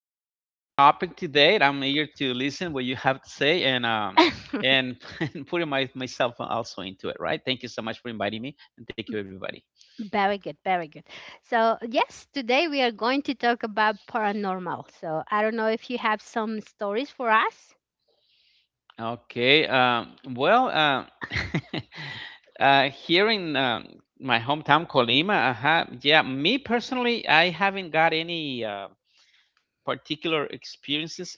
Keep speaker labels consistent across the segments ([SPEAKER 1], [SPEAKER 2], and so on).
[SPEAKER 1] uh, this uh, very, very interesting topic today. I'm eager to listen what you have to say and and putting myself also into it. Right. Thank you so much for inviting me,
[SPEAKER 2] Very good,
[SPEAKER 1] and thank you
[SPEAKER 2] very good.
[SPEAKER 1] everybody.
[SPEAKER 2] So yes, today we are going to talk about paranormal. So I don't know if you have some stories for us.
[SPEAKER 1] Okay. Well, here in my hometown, Colima, yeah, me personally, I haven't got any.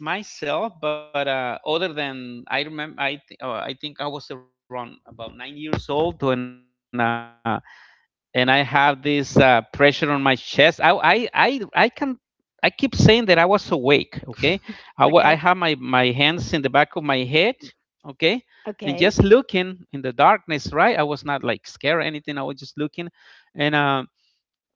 [SPEAKER 1] Particular experiences myself, but other than I remember, I think I was around about 9 years old when and I have this pressure on my chest. I can. I keep saying that I was awake, okay? I
[SPEAKER 2] Okay.
[SPEAKER 1] have my hands in the back of my head, okay? And
[SPEAKER 2] Okay.
[SPEAKER 1] just looking in the darkness, right? I was not like scared or anything. I was just looking. And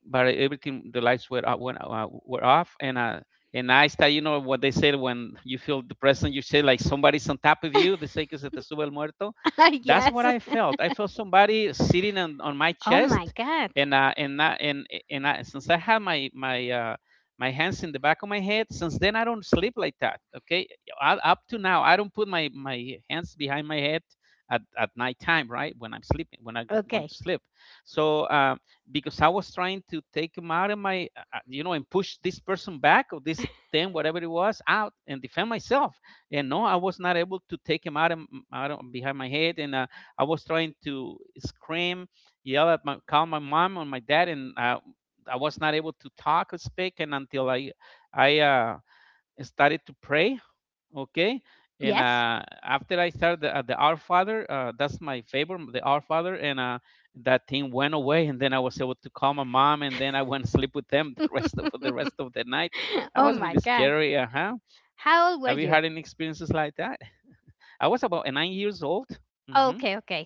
[SPEAKER 1] but everything the lights were were off and I start, you know what they said when you feel depressed and you say like somebody's on top of you, they say que se te sube el muerto. That's what
[SPEAKER 2] Yes.
[SPEAKER 1] I felt. I felt somebody sitting on my
[SPEAKER 2] Oh my
[SPEAKER 1] chest,
[SPEAKER 2] God.
[SPEAKER 1] and I, since I have my hands in the back of my head, since then I don't sleep like that. Okay, up to now I don't put my hands behind my head at nighttime, right? When I'm sleeping, when I'm going
[SPEAKER 2] Okay.
[SPEAKER 1] to sleep. So. Because I was trying to take him out of my, and push this person back or this thing, whatever it was, out and defend myself. And no, I was not able to take him out of behind my head. And I was trying to scream, call my mom or my dad, and I was not able to talk or speak. And until I started to pray, okay. and
[SPEAKER 2] Yes.
[SPEAKER 1] uh, after I started the Our Father, that's my favorite, the Our Father, and that thing went away, and then I was able to call my mom, and then I went to sleep with them the rest of for the rest of the night. That
[SPEAKER 2] Oh
[SPEAKER 1] was
[SPEAKER 2] my
[SPEAKER 1] really
[SPEAKER 2] God.
[SPEAKER 1] scary. Uh-huh. Have
[SPEAKER 2] How
[SPEAKER 1] you
[SPEAKER 2] old were
[SPEAKER 1] had any
[SPEAKER 2] you?
[SPEAKER 1] experiences like that? I was about 9 years old. Hmm.
[SPEAKER 2] Okay, okay.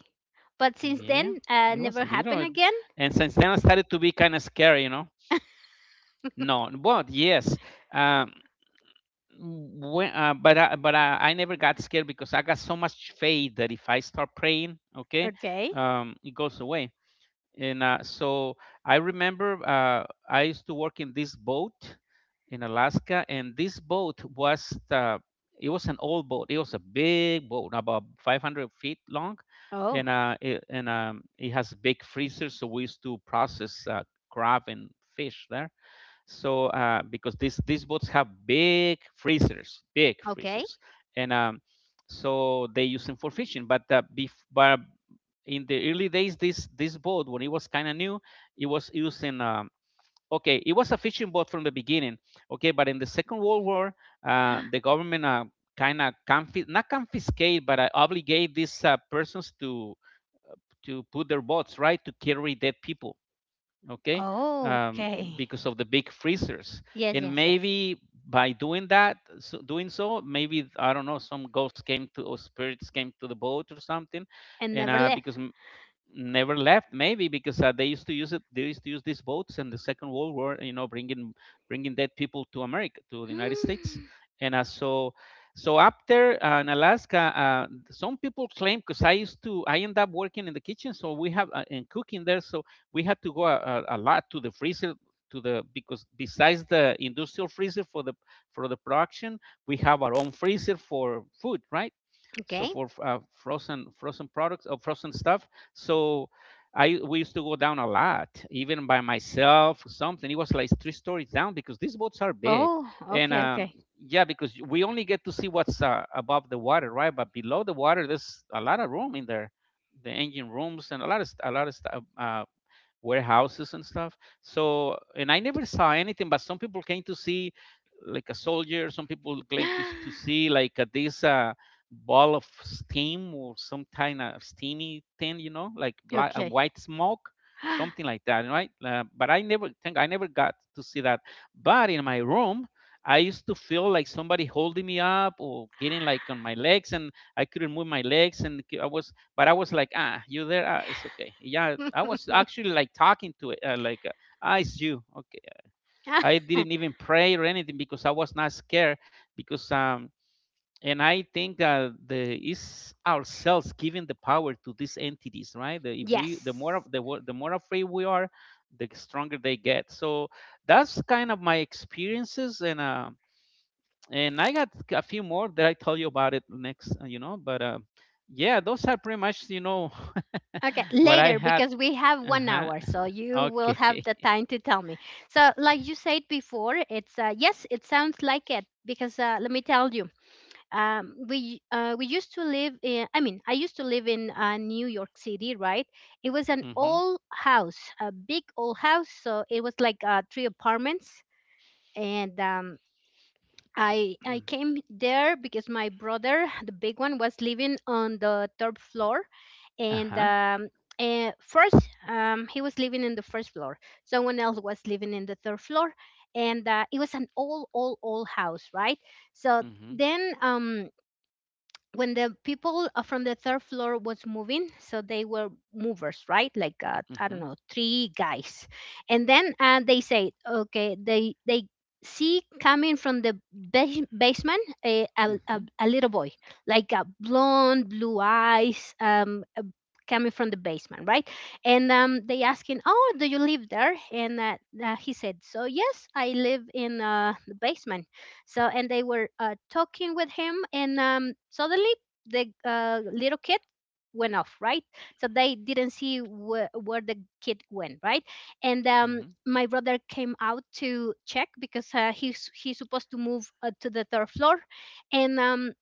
[SPEAKER 2] But since then,
[SPEAKER 1] Yeah, it was
[SPEAKER 2] never
[SPEAKER 1] little.
[SPEAKER 2] happened again?
[SPEAKER 1] And since then I started to be kind of scary. No, but yes. um, but I never got scared, because I got so much faith that if I start praying, okay,
[SPEAKER 2] Okay.
[SPEAKER 1] it goes away. And so I remember I used to work in this boat in Alaska. And this boat was an old boat. It was a big boat, about 500 feet long,
[SPEAKER 2] Oh,
[SPEAKER 1] and it has a big freezer. So we used to process crab and fish there. So because these boats have big freezers big
[SPEAKER 2] okay.
[SPEAKER 1] freezers And so they use them for fishing, but in the early days, this boat, when it was kind of new, it was using okay, it was a fishing boat from the beginning. Okay, but in the Second World War, the government kind of not confiscate, but obligate these persons to put their boats, right, to carry dead people. Okay. um,
[SPEAKER 2] Okay.
[SPEAKER 1] because of the big freezers.
[SPEAKER 2] Yes,
[SPEAKER 1] And
[SPEAKER 2] yes, yes.
[SPEAKER 1] maybe by doing so, maybe, I don't know, some ghosts came to or spirits came to the boat or something.
[SPEAKER 2] And
[SPEAKER 1] and
[SPEAKER 2] never
[SPEAKER 1] uh, because
[SPEAKER 2] left.
[SPEAKER 1] never left, maybe because they used to use these boats in the Second World War, bringing dead people to America, to the United States.
[SPEAKER 2] Hmm.
[SPEAKER 1] And so, so up there in Alaska, some people claim, because I used to I end up working in the kitchen. So we have and cooking there. So we had to go a lot to the freezer, to the because besides the industrial freezer for the production, we have our own freezer for food, right? So
[SPEAKER 2] Okay.
[SPEAKER 1] for frozen products or frozen stuff. So I we used to go down a lot, even by myself something. It was like 3 stories down, because these boats are big.
[SPEAKER 2] Oh,
[SPEAKER 1] and
[SPEAKER 2] okay,
[SPEAKER 1] um
[SPEAKER 2] okay.
[SPEAKER 1] yeah, because we only get to see what's above the water, right? But below the water there's a lot of room in there. The engine rooms and a lot of stuff, warehouses and stuff. So, and I never saw anything, but some people came to see like a soldier. Some people claim to see like this ball of steam or some kind of steamy thing, you know, like black, a
[SPEAKER 2] Okay.
[SPEAKER 1] white smoke, something like that, right? But I never think I never got to see that. But in my room, I used to feel like somebody holding me up or getting like on my legs, and I couldn't move my legs, and I was like, ah, you there? Ah, it's okay. Yeah, I was actually like talking to it, ah, it's you. Okay. I didn't even pray or anything because I was not scared because And I think the is ourselves giving the power to these entities, right? The, if we the more
[SPEAKER 2] Yes.
[SPEAKER 1] of the wo- The more afraid we are, the stronger they get. So that's kind of my experiences and. And I got a few more that I tell you about it next. But yeah, those are pretty much,
[SPEAKER 2] Okay,
[SPEAKER 1] what I
[SPEAKER 2] later,
[SPEAKER 1] had.
[SPEAKER 2] because we have one
[SPEAKER 1] Uh-huh,
[SPEAKER 2] hour, so you will have
[SPEAKER 1] okay.
[SPEAKER 2] the time to tell me. So, like you said before, it's yes, it sounds like it, because let me tell you. We used to live in, I mean I used to live in New York City, right? It was an
[SPEAKER 1] Mhm.
[SPEAKER 2] old house, a big old house, so it was like three apartments. And um, I came there because my brother, the big one, was living on the third floor. and
[SPEAKER 1] Uh-huh.
[SPEAKER 2] um, first, he was living in the first floor. Someone else was living in the third floor, and it was an old old old house, right? So
[SPEAKER 1] Mhm.
[SPEAKER 2] then, when the people from the third floor was moving, so they were movers, right? Like I don't
[SPEAKER 1] Mhm.
[SPEAKER 2] know, three guys. And then they say okay, they see coming from the basement a, a, a,
[SPEAKER 1] Mhm.
[SPEAKER 2] a little boy, like a blonde blue eyes coming from the basement, right? And they asking, oh, do you live there? And he said, so yes, I live in the basement. So, and they were talking with him, and suddenly the little kid went off, right? So they didn't see where the kid went, right? And
[SPEAKER 1] Mhm.
[SPEAKER 2] my brother came out to check because he's supposed to move to the third floor, and um,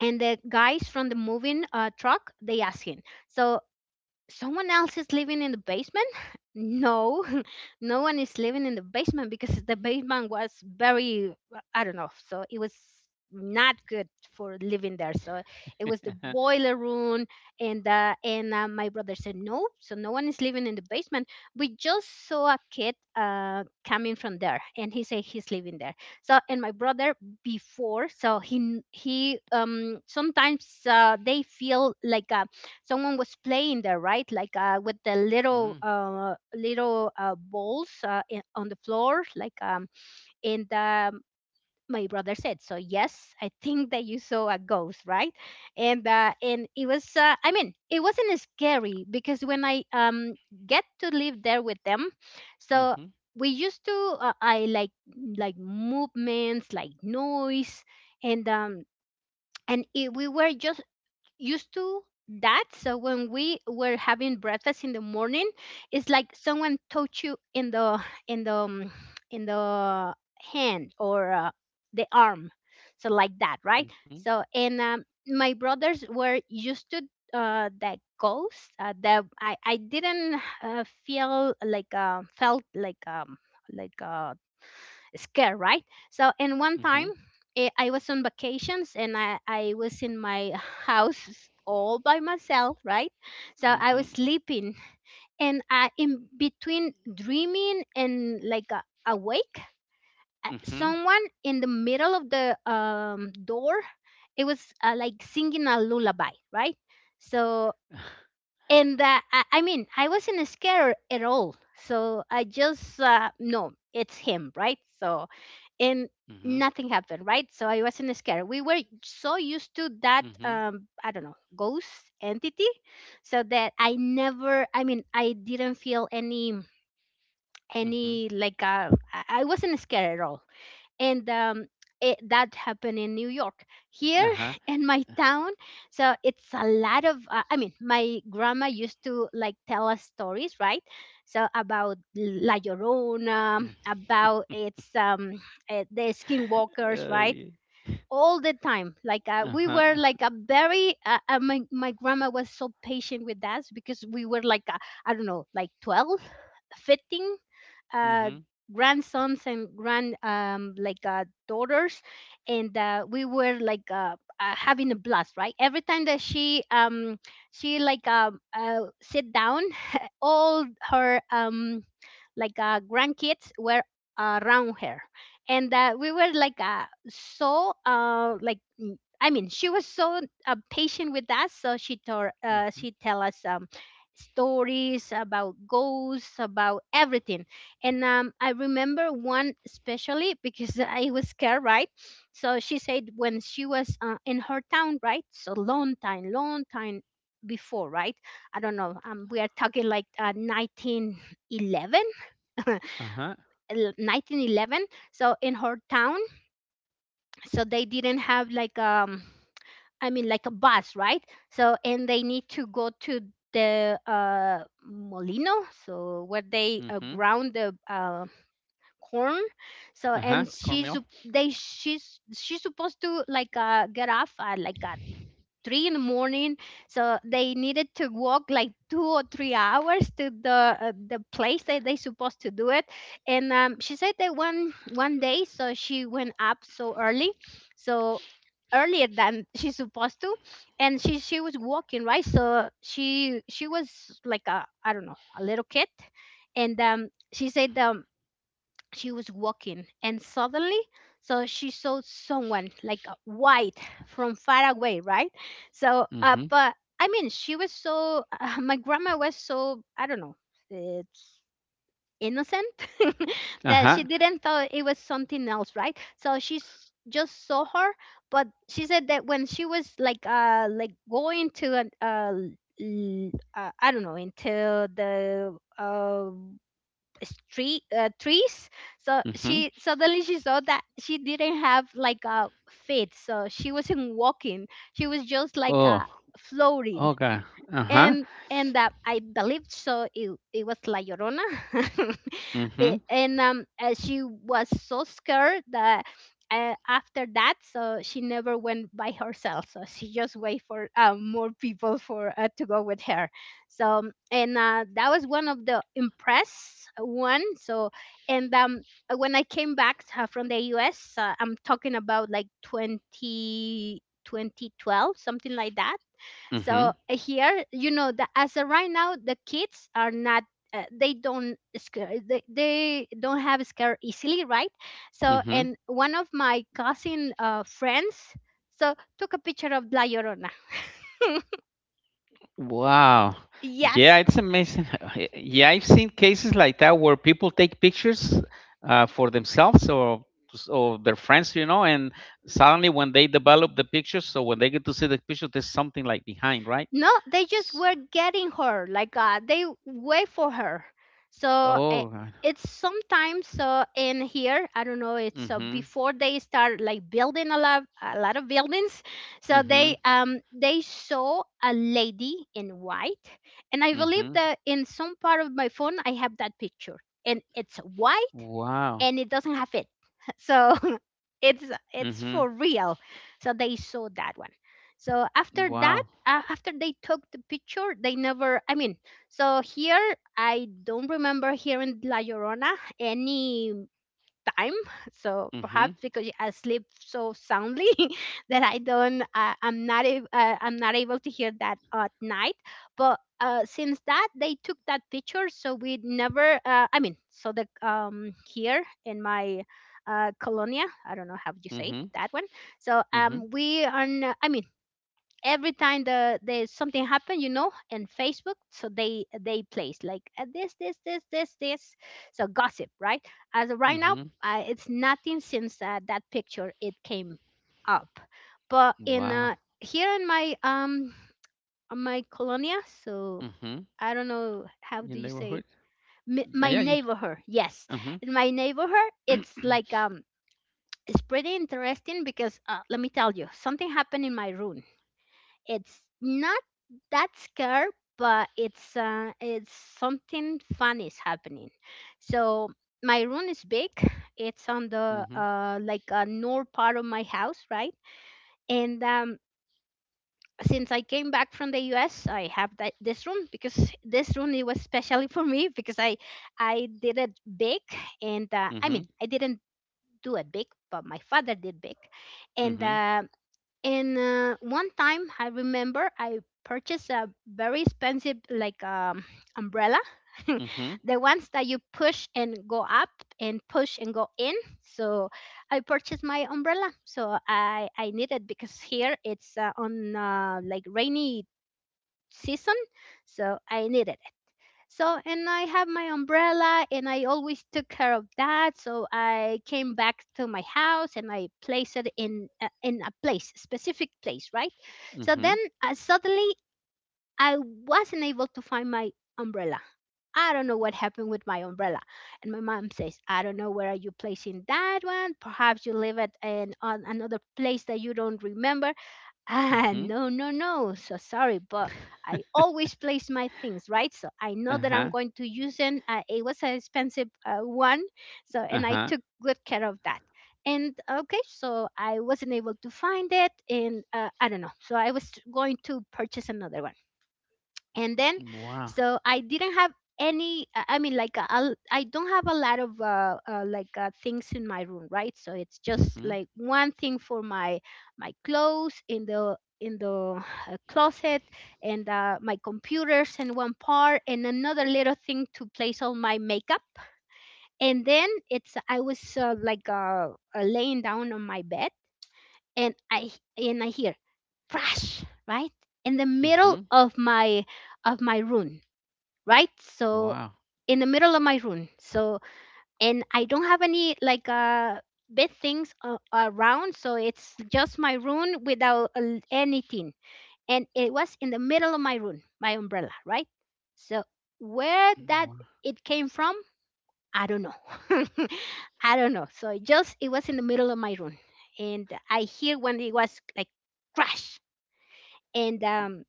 [SPEAKER 2] and the guys from the moving truck, they asked him. So, someone else is living in the basement? No, no one is living in the basement, because the basement was very, I don't know, so it was not good for living there. So it was the boiler room, and my brother said no, so no one is living in the basement. We just saw a kid coming from there, and he said he's living there. So, and my brother before, so he sometimes they feel like a, someone was playing there, right? Like with the little
[SPEAKER 1] Mm.
[SPEAKER 2] little balls in, on the floor, like and my brother said, so yes, I think that you saw a ghost, right? And it was I mean, it wasn't scary because when I get to live there with them, so
[SPEAKER 1] Mhm.
[SPEAKER 2] we used to I like movements, like noise. And um and it, we were just used to that. So when we were having breakfast in the morning, it's like someone touched you in the in the in the hand or the arm, so like that, right?
[SPEAKER 1] Mhm.
[SPEAKER 2] So, and my brothers were used to that ghost. That I didn't feel like felt like like uh, scare, right? So, and one
[SPEAKER 1] Mhm.
[SPEAKER 2] time, I was on vacations, and I was in my house all by myself, right? So I
[SPEAKER 1] Mhm.
[SPEAKER 2] was sleeping, and I, in between dreaming and like awake,
[SPEAKER 1] Mhm.
[SPEAKER 2] someone in the middle of the door, it was like singing a lullaby, right? So, and I mean, I wasn't scared at all. So I just, no, it's him, right? So
[SPEAKER 1] Mhm.
[SPEAKER 2] and nothing happened, right? So I wasn't scared, we
[SPEAKER 1] Mhm.
[SPEAKER 2] were so used to that I don't know, ghost, entity. So that I never, I mean, I didn't feel any
[SPEAKER 1] Mhm.
[SPEAKER 2] any like I wasn't scared at all. And it, that happened in
[SPEAKER 1] Uh-huh.
[SPEAKER 2] New York. Here in my town, so it's a lot of. I mean, my grandma used to like tell us stories, right? So about La
[SPEAKER 1] Mm.
[SPEAKER 2] Llorona, about its the
[SPEAKER 1] Ay.
[SPEAKER 2] skinwalkers, right? All the time,
[SPEAKER 1] Uh
[SPEAKER 2] like
[SPEAKER 1] huh.
[SPEAKER 2] we were like a very. My my grandma was so patient with us because we were like I don't know, like 12, 15
[SPEAKER 1] Ujú.
[SPEAKER 2] uh, grandsons and grand like daughters. And we were like having a blast, right? Every time that she like sit down, all her grandkids were around her. And we were like like I mean, she was so patient with us, so she tell us stories about ghosts, about everything. And I remember one especially because I was scared, right? So she said when she was in her town, right? So long time before, right? I don't know. We are talking like 1911,
[SPEAKER 1] Ajá.
[SPEAKER 2] el- 1911. So in her town, so they didn't have like I mean like a bus, right? So, and they need to go to the molino, so where they
[SPEAKER 1] Uh huh. Mm-hmm.
[SPEAKER 2] ground the corn. So,
[SPEAKER 1] Uh
[SPEAKER 2] and
[SPEAKER 1] huh.
[SPEAKER 2] she's
[SPEAKER 1] Cornmeal.
[SPEAKER 2] sup- they she's she's supposed to like get off at like at 3 in the morning. So they needed to walk like 2 or 3 hours to the place that they supposed to do it. And she said that one day so she went up so early, so earlier than she's supposed to. And she was walking, right? So she was like a, I don't know, a little kid. And she said she was walking, and suddenly so she saw someone like a white from far away, right? So
[SPEAKER 1] Mm-hmm.
[SPEAKER 2] but I mean she was so my grandma was so, I don't know, it's innocent,
[SPEAKER 1] Uh huh.
[SPEAKER 2] that she
[SPEAKER 1] Ajá.
[SPEAKER 2] didn't thought it was something else, right? So just saw her. But she said that when she was like going to an I don't know, into the street trees, so she
[SPEAKER 1] Ujú.
[SPEAKER 2] suddenly she saw that she didn't have like a feet, so she wasn't walking, she was just like
[SPEAKER 1] Oh.
[SPEAKER 2] floating.
[SPEAKER 1] Oh, God. Ajá.
[SPEAKER 2] And I believed so it was La Llorona, Be-
[SPEAKER 1] Ujú.
[SPEAKER 2] and she was so scared that after that, so she never went by herself. So she just wait for more people for to go with her. So, and that was one of the impress one. So, and when I came back from the U.S., I'm talking about like 2012, something like that. So
[SPEAKER 1] Ujú.
[SPEAKER 2] here you know that as of right now the kids are not they don't scare, they don't have scare easily, right? So, and
[SPEAKER 1] Ujú.
[SPEAKER 2] one of my cousin friends so took a picture of La Llorona.
[SPEAKER 1] Wow. Yeah,
[SPEAKER 2] Yes.
[SPEAKER 1] it's amazing. Yeah, I've seen cases like that where people take pictures for themselves or or their friends, and suddenly when they develop the pictures, so when they get to see the picture, there's something like behind, right?
[SPEAKER 2] No, they just
[SPEAKER 1] S-
[SPEAKER 2] were getting her. Like they wait for her. So
[SPEAKER 1] Oh, right.
[SPEAKER 2] it's sometimes in here, I don't know. It's
[SPEAKER 1] Mhm.
[SPEAKER 2] before they start like building a lot of buildings. So
[SPEAKER 1] Mhm.
[SPEAKER 2] they saw a lady in white, and I believe
[SPEAKER 1] Mhm.
[SPEAKER 2] that in some part of my phone I have that picture, and it's white,
[SPEAKER 1] Wow.
[SPEAKER 2] and it doesn't have it. So it's it's for
[SPEAKER 1] Mhm.
[SPEAKER 2] real. So they saw that one. So after that,
[SPEAKER 1] Wow.
[SPEAKER 2] after they took the picture, they never, I mean, so here I don't remember here in La Llorona any time. So
[SPEAKER 1] Mhm.
[SPEAKER 2] perhaps because I sleep so soundly that I don't I'm not ab- I'm not able to hear that at night. But since that they took that picture, so we never I mean, so the here in my colonia, I don't know how you say it,
[SPEAKER 1] Mhm.
[SPEAKER 2] that one. So
[SPEAKER 1] Mhm.
[SPEAKER 2] we are I mean every time there's something happen, you know, in Facebook, so they place like this this so gossip, right? As of right now
[SPEAKER 1] Mhm.
[SPEAKER 2] it's nothing since that picture it came up. But in
[SPEAKER 1] Wow.
[SPEAKER 2] here in my on my colonia, so
[SPEAKER 1] Mhm.
[SPEAKER 2] I don't know how
[SPEAKER 1] Your
[SPEAKER 2] do you say
[SPEAKER 1] neighborhood?
[SPEAKER 2] it.
[SPEAKER 1] Yeah,
[SPEAKER 2] My
[SPEAKER 1] yeah.
[SPEAKER 2] neighborhood, yes.
[SPEAKER 1] Mhm.
[SPEAKER 2] In my neighborhood it's like it's pretty interesting because let me tell you something happened in my room. It's not that scary, but it's something fun is happening. So my room is big. It's on the
[SPEAKER 1] Mhm.
[SPEAKER 2] like a north part of my house, right? And Since I came back from the US, I have that this room because this room it was specially for me because I did it big, and I mean
[SPEAKER 1] Mhm.
[SPEAKER 2] I didn't do it big, but my father did big. And
[SPEAKER 1] Mhm.
[SPEAKER 2] uh, and One time, I remember I purchased a very expensive like umbrella,
[SPEAKER 1] Mhm.
[SPEAKER 2] the ones that you push and go up and push and go in. So I purchased my umbrella. So I need it because here it's on like rainy season, so I needed. And I have my umbrella, and I always took care of that. So I came back to my house and I placed it in a place, specific place, right? So then
[SPEAKER 1] Mhm.
[SPEAKER 2] suddenly I wasn't able to find my umbrella. I don't know what happened with my umbrella. And my mom says, I don't know where are you placing that one. Perhaps you leave it in on another place that you don't remember. Ah,
[SPEAKER 1] Mhm.
[SPEAKER 2] no, no, no. So sorry, but I always place my things, right? So I know that I'm
[SPEAKER 1] Uh-huh.
[SPEAKER 2] going to use them. It was an expensive one. And I
[SPEAKER 1] Uh-huh.
[SPEAKER 2] took good care of that. And okay, so I wasn't able to find it. And I don't know. So I was going to purchase another one, and then
[SPEAKER 1] Wow.
[SPEAKER 2] so I didn't have any. I mean like I don't have a lot of things in my room, right? So it's just
[SPEAKER 1] Mhm.
[SPEAKER 2] like one thing for my my clothes in the closet, and my computers in one part and another little thing to place all my makeup, and then it's I was laying down on my bed, and I hear crash, right, in the middle
[SPEAKER 1] Mhm.
[SPEAKER 2] of my room, right? So
[SPEAKER 1] Wow.
[SPEAKER 2] in the middle of my room. So and I don't have any big things around, so it's just my room without anything. And it was in the middle of my room, my umbrella, right? So where that
[SPEAKER 1] Wow.
[SPEAKER 2] it came from, I don't know. I don't know. So it just it was in the middle of my room, and I hear when it was like crash, and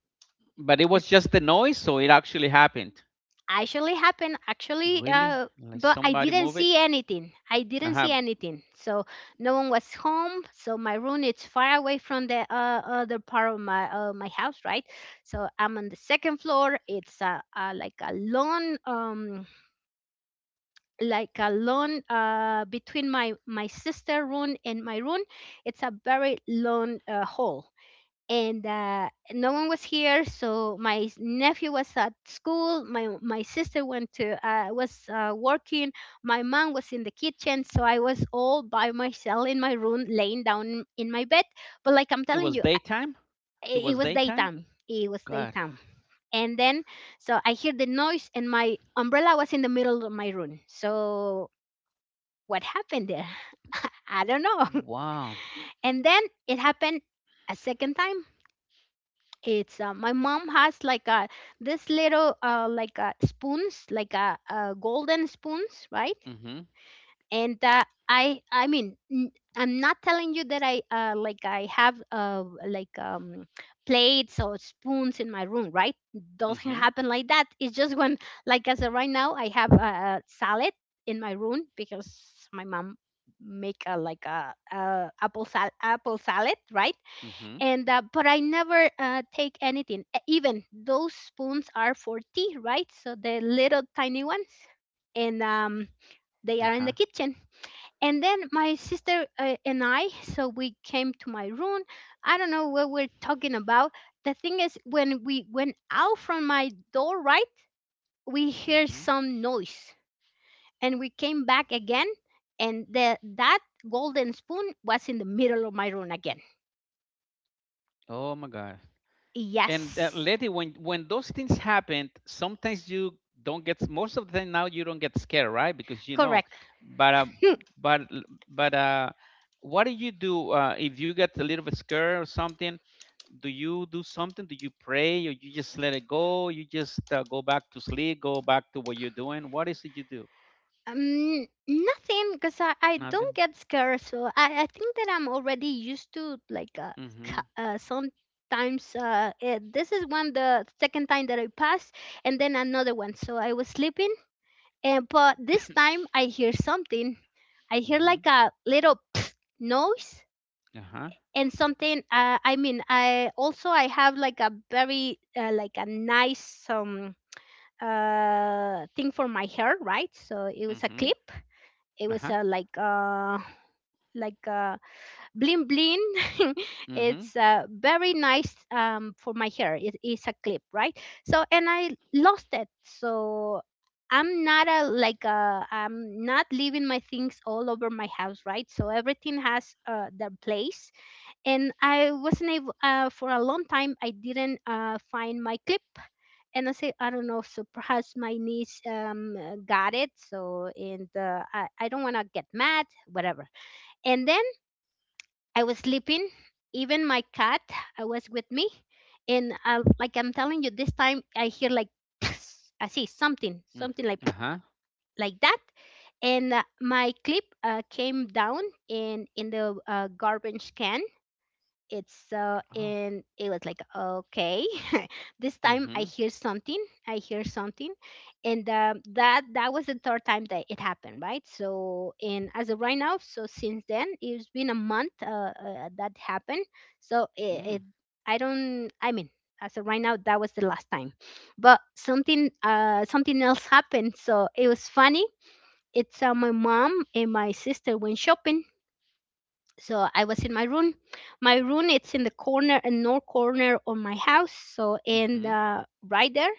[SPEAKER 1] But it was just the noise, so it actually happened.
[SPEAKER 2] actually happened, actually
[SPEAKER 1] Really? Like
[SPEAKER 2] but I
[SPEAKER 1] somebody
[SPEAKER 2] didn't
[SPEAKER 1] move
[SPEAKER 2] see
[SPEAKER 1] it?
[SPEAKER 2] anything, i didn't
[SPEAKER 1] Uh-huh.
[SPEAKER 2] see anything So no one was home. So my room is far away from the other part of my house, right? So I'm on the second floor. It's like a lawn, like a lawn between my sister room and my room. It's a very long hall, and no one was here. So my nephew was at school. My sister went to was working. My mom was in the kitchen. So I was all by myself in my room, laying down in my bed. But like I'm
[SPEAKER 1] It
[SPEAKER 2] telling
[SPEAKER 1] was
[SPEAKER 2] you, I-
[SPEAKER 1] daytime? It
[SPEAKER 2] it, it
[SPEAKER 1] was
[SPEAKER 2] was
[SPEAKER 1] daytime?
[SPEAKER 2] daytime. It was
[SPEAKER 1] God.
[SPEAKER 2] daytime. And then so I hear the noise, and my umbrella was in the middle of my room. So what happened there? I don't know.
[SPEAKER 1] Wow.
[SPEAKER 2] And then it happened a second time. It's my mom has like a this little like a spoons like golden spoons, right?
[SPEAKER 1] Mhm.
[SPEAKER 2] And uh, i i mean, I'm not telling you that I have plates or spoons in my room, right? Doesn't
[SPEAKER 1] Mhm.
[SPEAKER 2] happen like that. It's just when like as of right now I have a salad in my room because my mom make a apple apple salad, right?
[SPEAKER 1] Mhm.
[SPEAKER 2] and But I never take anything. Even those spoons are for tea, right? So the little tiny ones, and they are in
[SPEAKER 1] Uh-huh.
[SPEAKER 2] the kitchen. And then my sister and i, so we came to my room. I don't know what we're talking about. The thing is when we went out from my door, right, we hear
[SPEAKER 1] Mhm.
[SPEAKER 2] some noise, and we came back again, and that golden spoon was in the middle of my room again.
[SPEAKER 1] Oh my God. And
[SPEAKER 2] Yes.
[SPEAKER 1] Letty, when those things happen, sometimes you don't get, most of the time now you don't get scared, right? Because you know,
[SPEAKER 2] Correct.
[SPEAKER 1] but uh, but but what do you do if you get a little bit scared or something? Do you do something? Do you pray, or you just let it go? You just go back to sleep, go back to what you're doing. What is it you do?
[SPEAKER 2] Nothing, because I don't
[SPEAKER 1] Nothing.
[SPEAKER 2] get scared, so I think that I'm already used to like
[SPEAKER 1] Mm-hmm.
[SPEAKER 2] sometimes this is one the second time that I passed, and then another one. So I was sleeping, and but this time I hear something. I hear
[SPEAKER 1] Mm-hmm.
[SPEAKER 2] like a little noise,
[SPEAKER 1] Uh-huh.
[SPEAKER 2] and something. I mean, I also I have like a very like a nice thing for my hair, right? So it was a
[SPEAKER 1] Mm-hmm.
[SPEAKER 2] clip. It was
[SPEAKER 1] Uh-huh.
[SPEAKER 2] like uh bling bling.
[SPEAKER 1] Mm-hmm.
[SPEAKER 2] It's very nice, for my hair it is a clip, right? So and I lost it. So I'm not a like I'm not leaving my things all over my house, right? So everything has their place, and I wasn't able for a long time. I didn't find my clip, and I say I don't know. So perhaps my niece got it. So and I don't want to get mad, whatever. And then I was sleeping. Even my cat I was with me, and I, like I'm telling you, this time I hear like I see something, something like
[SPEAKER 1] Mm-hmm. Uh-huh.
[SPEAKER 2] like that, and my clip came down in the garbage can. It's so
[SPEAKER 1] Oh.
[SPEAKER 2] and it was like okay. This time I
[SPEAKER 1] Mm-hmm.
[SPEAKER 2] hear something. I hear something. And that that was the third time that it happened, right? So and as of right now so since then it's been a month, that happened. So it
[SPEAKER 1] Mm.
[SPEAKER 2] I don't, I mean, as of right now that was the last time, but something something else happened, so it was funny. It's my mom and my sister went shopping, so I was in my room. My room it's in the corner and north corner of my house. So and
[SPEAKER 1] Mm-hmm.
[SPEAKER 2] Right there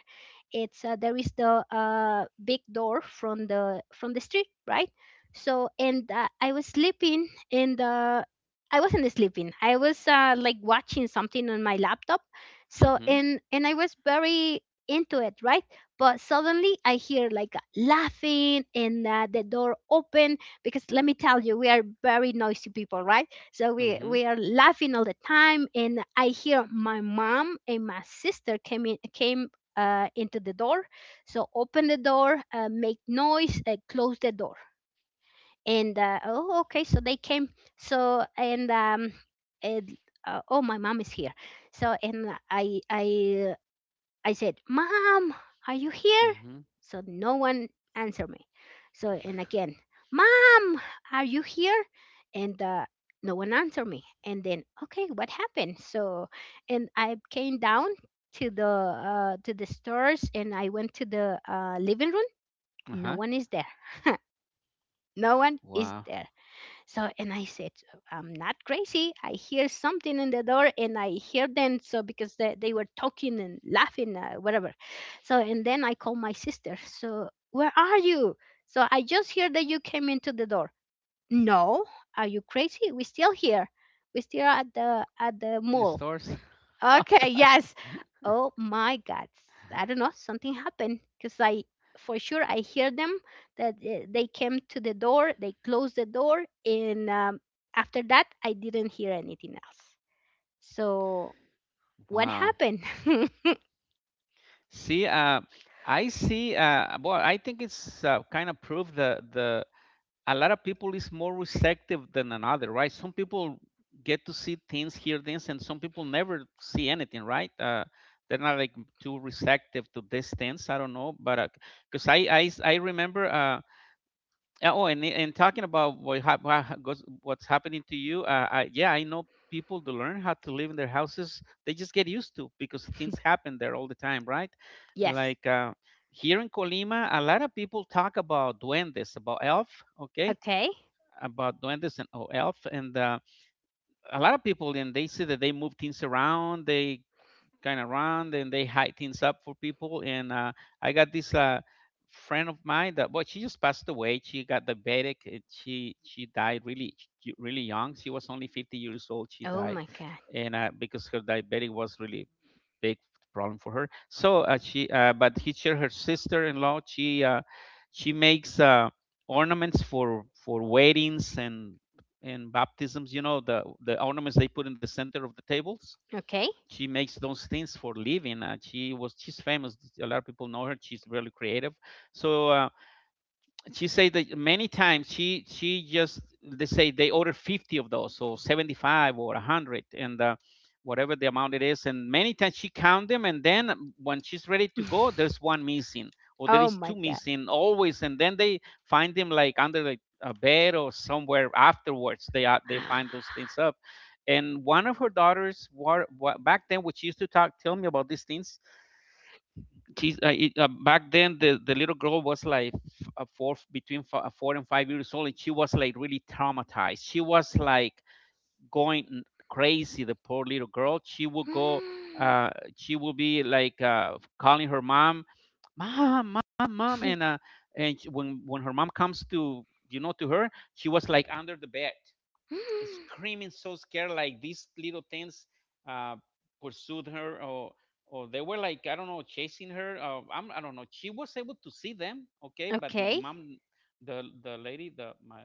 [SPEAKER 2] it's there is the big door from the street, right? So and uh, I was sleeping and I wasn't sleeping. I was like watching something on my laptop. so
[SPEAKER 1] Mm-hmm.
[SPEAKER 2] and and I was very into it, right? But suddenly I hear like laughing, and the door opened, because let me tell you we are very noisy people, right? So we
[SPEAKER 1] Mhm.
[SPEAKER 2] we are laughing all the time, and I hear my mom and my sister came into the door. So open the door, make noise, close the door, and oh okay so they came. so and um and, oh my mom is here. So and I said, Mom, are you here?
[SPEAKER 1] Mhm.
[SPEAKER 2] So no one answered me. So, and again, Mom, are you here? And No one answered me. And then, okay, what happened? So, and I came down to the stairs and I went to the living room. No
[SPEAKER 1] Uh-huh.
[SPEAKER 2] one is there. No one is
[SPEAKER 1] Wow.
[SPEAKER 2] there. So, and I said, I'm not crazy. I hear something in the door and I hear them. So, because they were talking and laughing, whatever. So, and then I call my sister. So, where are you? So, I just hear that you came into the door. No, are you crazy? We're still here. We're still at the
[SPEAKER 1] The
[SPEAKER 2] mall.
[SPEAKER 1] stores.
[SPEAKER 2] Okay, yes. Oh my God. I don't know, something happened because I, for sure, I hear them that they came to the door, they closed the door, and after that, I didn't hear anything else. So, what
[SPEAKER 1] Wow.
[SPEAKER 2] happened?
[SPEAKER 1] See, I see. Well, I think it's kind of proof that the a lot of people is more receptive than another, right? Some people get to see things, hear things, and some people never see anything, right? They're not like too receptive to these things. I don't know, but because I remember. Oh, and talking about what's happening to you, yeah, I know people to learn how to live in their houses. They just get used to because things happen there all the time, right?
[SPEAKER 2] Yes.
[SPEAKER 1] Like here in Colima, a lot of people talk about duendes, about elf, okay,
[SPEAKER 2] Okay.
[SPEAKER 1] about duendes and oh, elf, and a lot of people, and they say that they move things around. They kind of around and they hide things up for people. And I got this friend of mine that, well, she just passed away. She got diabetic, and she died really, really young. She was only 50 years old. She
[SPEAKER 2] Oh
[SPEAKER 1] died,
[SPEAKER 2] my God.
[SPEAKER 1] and because her diabetic was really big problem for her. So she, but he shared her sister-in-law. She makes ornaments for weddings and baptisms, you know, the ornaments they put in the center of the tables.
[SPEAKER 2] Okay.
[SPEAKER 1] She makes those things for living. She's famous. A lot of people know her. She's really creative. So uh, she said that many times she just they say they order 50 of those, so 75 or 100, and whatever the amount it is. And many times she count them, and then when she's ready to go, there's one missing or there
[SPEAKER 2] Oh
[SPEAKER 1] is two
[SPEAKER 2] my God.
[SPEAKER 1] missing, always, and then they find them like under like a bed or somewhere afterwards. They are they find those things up. And one of her daughters back then, which used to talk tell me about these things. Back then, the little girl was like 4 and 5 years old, and she was like really traumatized. She was like going crazy, the poor little girl. She would go uh, she would be like calling her mom, mom, mom, mom. And when her mom comes to, you know, to her, she was like under the bed screaming, so scared, like these little things uh, pursued her, or they were like, I don't know, chasing her. I don't know. She was able to see them, okay, but the
[SPEAKER 2] Okay.
[SPEAKER 1] mom, the lady, the my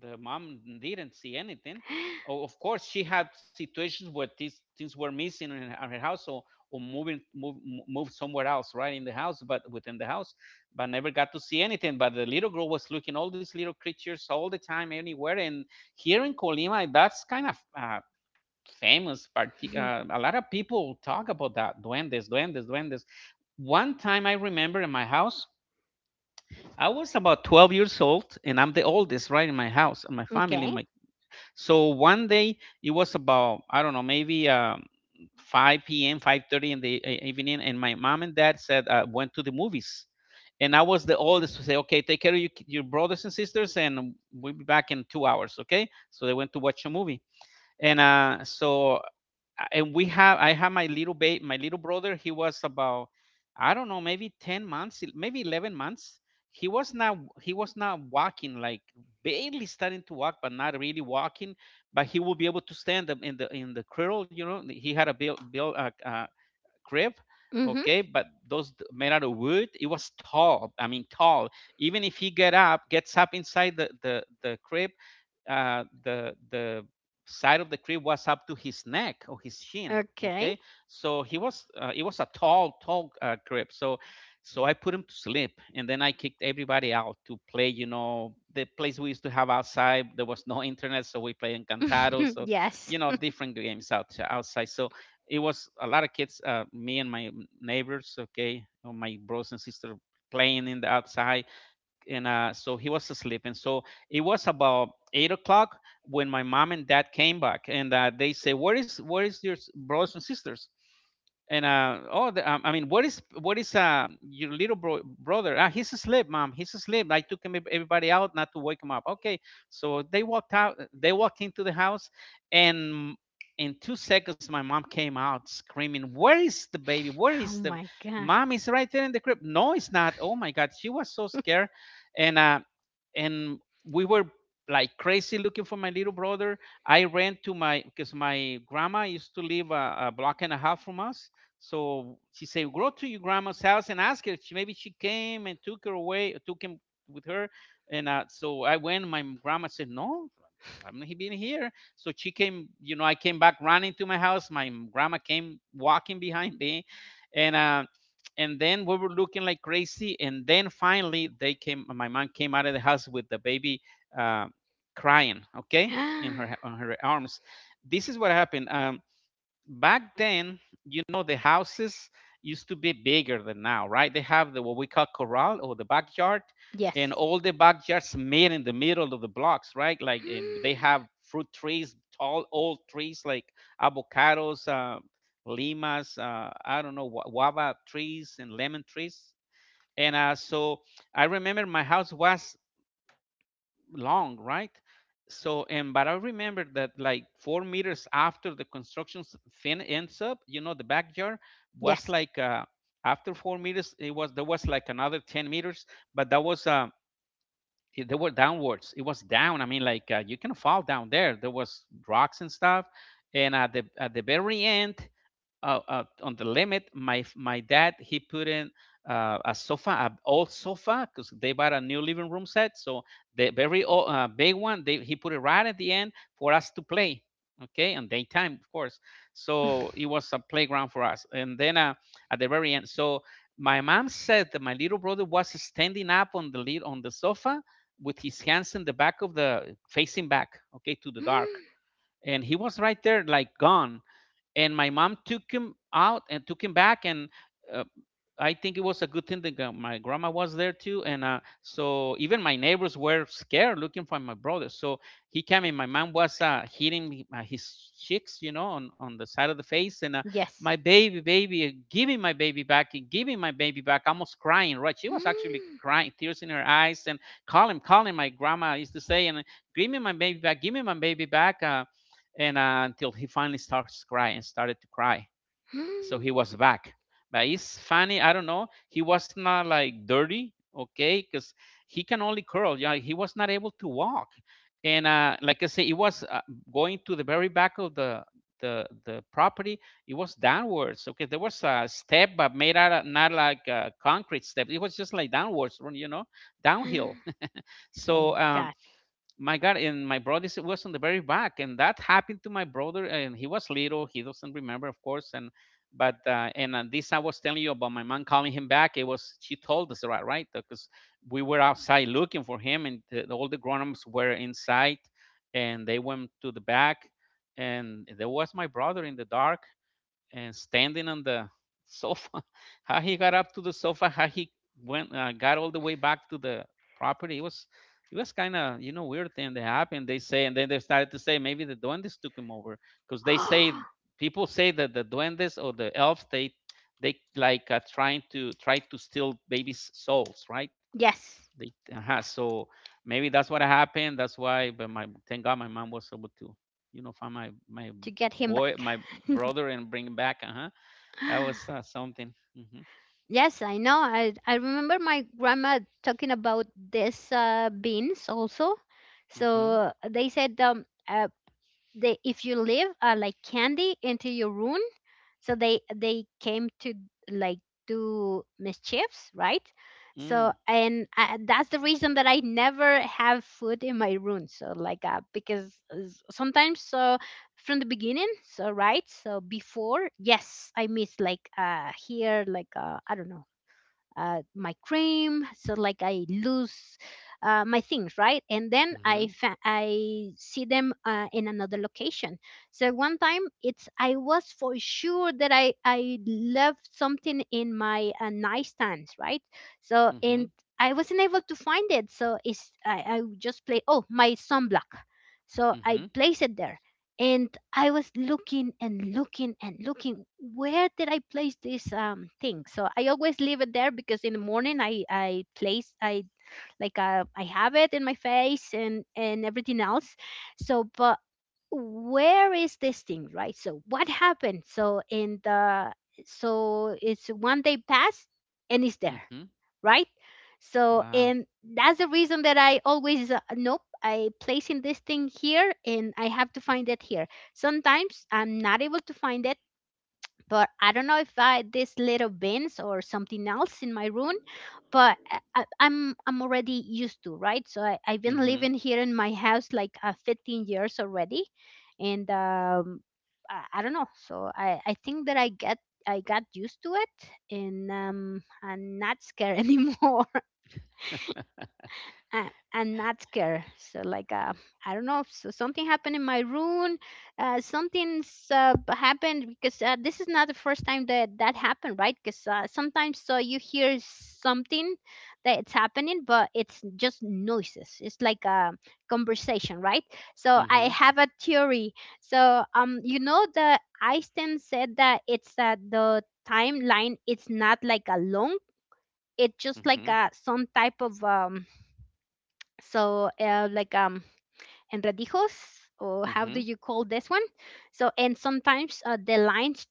[SPEAKER 1] the mom didn't see anything. Of course, she had situations where these things were missing in her house, or moved somewhere else, right, in the house, but within the house, but never got to see anything. But the little girl was looking all these little creatures all the time, anywhere. And here in Colima, that's kind of famous. A lot of people talk about that: duendes, duendes, duendes. One time I remember in my house, I was about 12 years old, and I'm the oldest, right, in my house, in my family,
[SPEAKER 2] Okay.
[SPEAKER 1] in my. So one day it was about, I don't know, maybe 5 p.m., 5:30 in the evening, and my mom and dad said went to the movies, and I was the oldest to say, okay, take care of your, your brothers and sisters, and we'll be back in 2 hours, okay? So they went to watch a movie, and so and we have I have my little baby, my little brother. He was about, I don't know, maybe 10 months, maybe 11 months. He was not walking, like barely starting to walk, but not really walking. But he will be able to stand up in the cradle. You know, he had a built built a. a crib.
[SPEAKER 2] Mm-hmm.
[SPEAKER 1] Okay, but those made out of wood, it was tall, I mean tall. Even if he gets up inside the crib, the side of the crib was up to his neck or his shin,
[SPEAKER 2] Okay.
[SPEAKER 1] okay. So he was it was a tall crib. So so I put him to sleep, and then I kicked everybody out to play, you know, the place we used to have outside. There was no internet, so we play encantados. So
[SPEAKER 2] Yes.
[SPEAKER 1] you know, different games outside. So it was a lot of kids, me and my neighbors, okay, or my brothers and sisters playing in the outside. And he was asleep. And so it was about 8 o'clock when my mom and dad came back, and they say, "Where is your brothers and sisters?" And I mean, what is your little brother? Ah, he's asleep, mom. He's asleep. I took him, everybody out, not to wake him up. Okay, so they walked out. They walked into the house, and in 2 seconds, my mom came out screaming, "Where is the baby? Where
[SPEAKER 2] Oh
[SPEAKER 1] is the
[SPEAKER 2] my god.
[SPEAKER 1] mom? Is right there in the crib? No, it's not." Oh my God, she was so scared. And uh, and we were like crazy looking for my little brother. I ran to my, because my grandma used to live a block and a half from us. So she said, "Go to your grandma's house and ask her. She, maybe she came and took her away, took him with her." And so I went. My grandma said, "No, I'm not been here." So she came. You know, I came back running to my house. My grandma came walking behind me, and. Uh, and then we were looking like crazy. And then finally they came my mom came out of the house with the baby, uh, crying, okay, in her on her arms. This is what happened. Back then, you know, the houses used to be bigger than now, right? They have the, what we call corral, or the backyard, and
[SPEAKER 2] Yes.
[SPEAKER 1] all the backyards made in the middle of the blocks, right? Like they have fruit trees, tall old trees like avocados, limas, I don't know, guava trees and lemon trees. And so I remember my house was long, right? So, and but I remember that like 4 meters after the construction s- fin ends up, you know, the backyard was
[SPEAKER 2] Yes.
[SPEAKER 1] like after 4 meters, it was there was like another 10 meters, but that was they were downwards. It was down. I mean, like you can fall down there. There was rocks and stuff, and at the very end, on the limit. My dad, he put in an old sofa, because they bought a new living room set. So the very old, big one, he put it right at the end for us to play. Okay, on daytime, of course. So it was a playground for us. And then at the very end, so my mom said that my little brother was standing up on the lid on the sofa with his hands in the back of the, facing back, okay, to the dark, and he was right there, like gone. And my mom took him out and took him back. And uh, I think it was a good thing that my grandma was there too, and so even my neighbors were scared looking for my brother. So he came in. My mom was hitting his cheeks, you know, on the side of the face, and my
[SPEAKER 2] Yes.
[SPEAKER 1] baby, baby, give me my baby back, and give me my baby back, almost crying. Right, she was actually crying, tears in her eyes, and call him, call him, my grandma used to say. And Give me my baby back, give me my baby back, and until he finally started to cry. So he was back. But it's funny, I don't know, he was not like dirty, okay, because he can only curl, yeah. He was not able to walk. And Like I say, it was going to the very back of the the property. It was downwards, okay. There was a step, but made out of, not like a concrete step, it was just like downwards, you know, downhill.
[SPEAKER 2] Oh
[SPEAKER 1] So
[SPEAKER 2] my god.
[SPEAKER 1] my God. And my brother was on the very back, and that happened to my brother, and he was little, he doesn't remember, of course. And this, I was telling you about my mom calling him back, it was she told us, right, because we were outside looking for him, and all the grown-ups were inside. And they went to the back, and there was my brother in the dark, and standing on the sofa. How he got up to the sofa, how he went, got all the way back to the property. It was kind of, you know, weird thing that happened, they say. And then they started to say maybe the duendes took him over, because they say, people say that the duendes, or the elves, they like try to steal babies' souls, right?
[SPEAKER 2] Yes,
[SPEAKER 1] They So maybe that's what happened. That's why. But my, thank God my mom was able to, you know, find my
[SPEAKER 2] to get him back.
[SPEAKER 1] boy, my brother, and bring him back. Uh huh. That was something. Mhm.
[SPEAKER 2] Yes, I know. I remember my grandma talking about this beans also.
[SPEAKER 1] Mhm.
[SPEAKER 2] So they said they, if you leave like candy into your room, so they came to, like, do mischiefs, right? So
[SPEAKER 1] Mm.
[SPEAKER 2] and I, that's the reason that I never have food in my room, so like because sometimes, so from the beginning, so right, so before. Yes, I miss, like here, like I don't know, my cream, so like I lose my things, right? And then
[SPEAKER 1] Mhm.
[SPEAKER 2] I see them in another location. So one time, it's I was for sure that I left something in my nightstand, right? So and
[SPEAKER 1] Mhm.
[SPEAKER 2] I wasn't able to find it. So it's I just play, oh, my sunblock, so I
[SPEAKER 1] Mhm.
[SPEAKER 2] place it there. And I was looking and looking and looking, where did I place this thing? So I always leave it there because in the morning I place I, like I have it in my face, and everything else. So but where is this thing, right? So what happened? So and the, so it's one day passed, and it's there,
[SPEAKER 1] Mhm.
[SPEAKER 2] right? So, and
[SPEAKER 1] Wow.
[SPEAKER 2] that's the reason that I always, nope, I placing this thing here, and I have to find it here. Sometimes I'm not able to find it, but I don't know if I this little bins or something else in my room, but I'm already used to, right? So I, I've been living
[SPEAKER 1] Mhm.
[SPEAKER 2] here in my house like 15 years already, and I don't know. So I think that I got used to it, and I'm not scared anymore. I not scared. So like I don't know. So something happened in my room. Something's happened, because this is not the first time that happened, right? Because sometimes, so you hear something that it's happening, but it's just noises. It's like a conversation, right? So I have a
[SPEAKER 1] Mhm.
[SPEAKER 2] theory. So you know the Einstein said that it's the timeline. It's not like a long. It's just like a
[SPEAKER 1] Mhm.
[SPEAKER 2] some type of so like enredijos, or how do you call
[SPEAKER 1] Mhm.
[SPEAKER 2] this one? So and sometimes the lines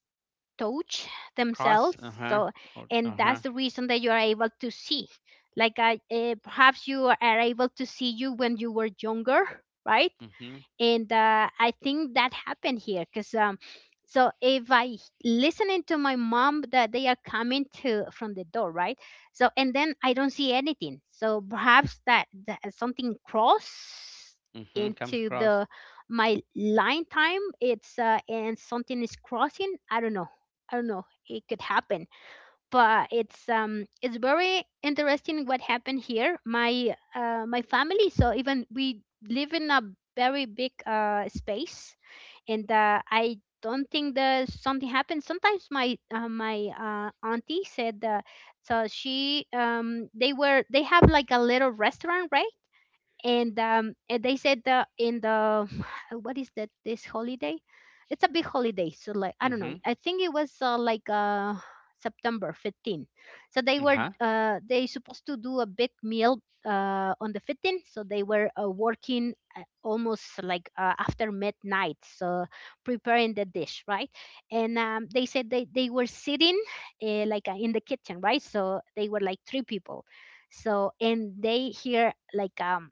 [SPEAKER 2] touch themselves.
[SPEAKER 1] Cross. Uh
[SPEAKER 2] So
[SPEAKER 1] huh. Or
[SPEAKER 2] and
[SPEAKER 1] uh
[SPEAKER 2] that's the
[SPEAKER 1] huh.
[SPEAKER 2] reason that you are able to see, like perhaps you are able to see you when you were younger, right?
[SPEAKER 1] Mhm.
[SPEAKER 2] And I think that happened here because so if listening to my mom that they are coming to from the door, right? So and then I don't see anything, so perhaps that something cross into
[SPEAKER 1] Mhm. Comes
[SPEAKER 2] the
[SPEAKER 1] across.
[SPEAKER 2] my line time, it's and something is crossing, I don't know. I don't know, it could happen. But it's very interesting what happened here, my my family. So even we live in a very big space, and I don't think that something happened. Sometimes my auntie said, so she they were they have like a little restaurant, right? And and they said the in the what is that this holiday? It's a big holiday. So like, I don't know, I think
[SPEAKER 1] Mhm.
[SPEAKER 2] it was like september 15th. So they were
[SPEAKER 1] Uh huh.
[SPEAKER 2] they supposed to do a big meal on the 15th. So they were working almost like after midnight, so preparing the dish, right? And they said they were sitting like in the kitchen, right? So they were like three people. So and they hear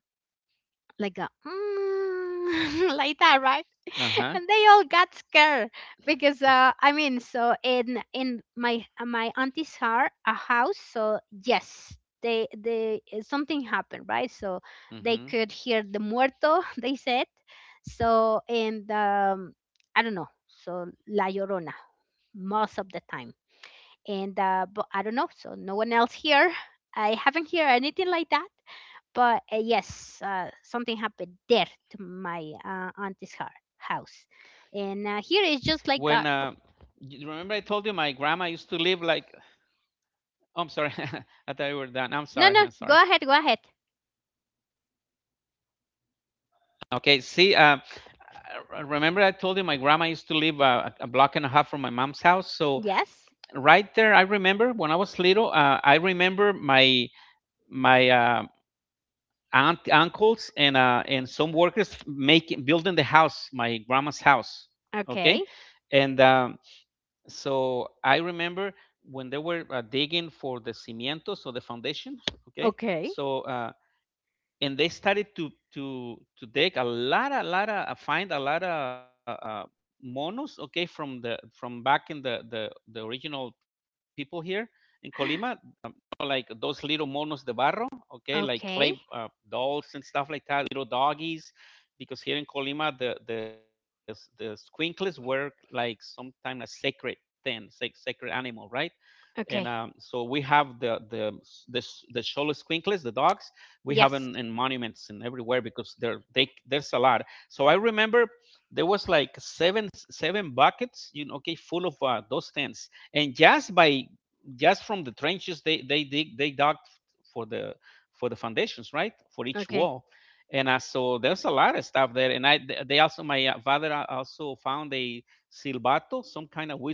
[SPEAKER 2] like a mm, like that, right? And
[SPEAKER 1] Uh
[SPEAKER 2] they all
[SPEAKER 1] huh.
[SPEAKER 2] got scared because I mean, so in my my auntie's heart a house. So yes, they something happened, right? So they could hear
[SPEAKER 1] Mhm.
[SPEAKER 2] the muerto they said. So and I don't know, so la llorona most of the time. And but I don't know. So no one else here. I haven't heard anything like that. But yes, something happened there to my auntie's heart, house, and here is just
[SPEAKER 1] When
[SPEAKER 2] like
[SPEAKER 1] you remember I told you my grandma used to live like, I'm sorry. I thought you were done. I'm
[SPEAKER 2] No,
[SPEAKER 1] sorry.
[SPEAKER 2] no.
[SPEAKER 1] I'm sorry.
[SPEAKER 2] Go ahead, go ahead.
[SPEAKER 1] Okay. See, remember I told you my grandma used to live a block and a half from my mom's house. So
[SPEAKER 2] Yes.
[SPEAKER 1] right there, I remember when I was little. I remember my my uh, aunt, uncles, and some workers making building the house, my grandma's house.
[SPEAKER 2] Okay.
[SPEAKER 1] Okay, and so I remember when they were digging for the cimientos or the foundation. Okay,
[SPEAKER 2] Okay.
[SPEAKER 1] so. And they started to take a lot of find a lot of monos, okay, from the from back in the original people here in Colima. You know, like those little monos de barro, okay, like clay
[SPEAKER 2] Okay.
[SPEAKER 1] dolls and stuff like that, little doggies, because here in Colima the squinkles were like sometimes a sacred thing, sacred animal, right? And so we have
[SPEAKER 2] Okay.
[SPEAKER 1] the the Xolo, the dogs. We have in monuments and
[SPEAKER 2] Yes.
[SPEAKER 1] everywhere because there they there's a lot. So I remember there was like seven buckets, you know, okay, full of those tents, and just by just from the trenches they dig they dug for the for the foundations, right, for each wall.
[SPEAKER 2] Okay.
[SPEAKER 1] And so there's a lot of stuff there, and I they also, my father also found a silbato, some kind of whistle,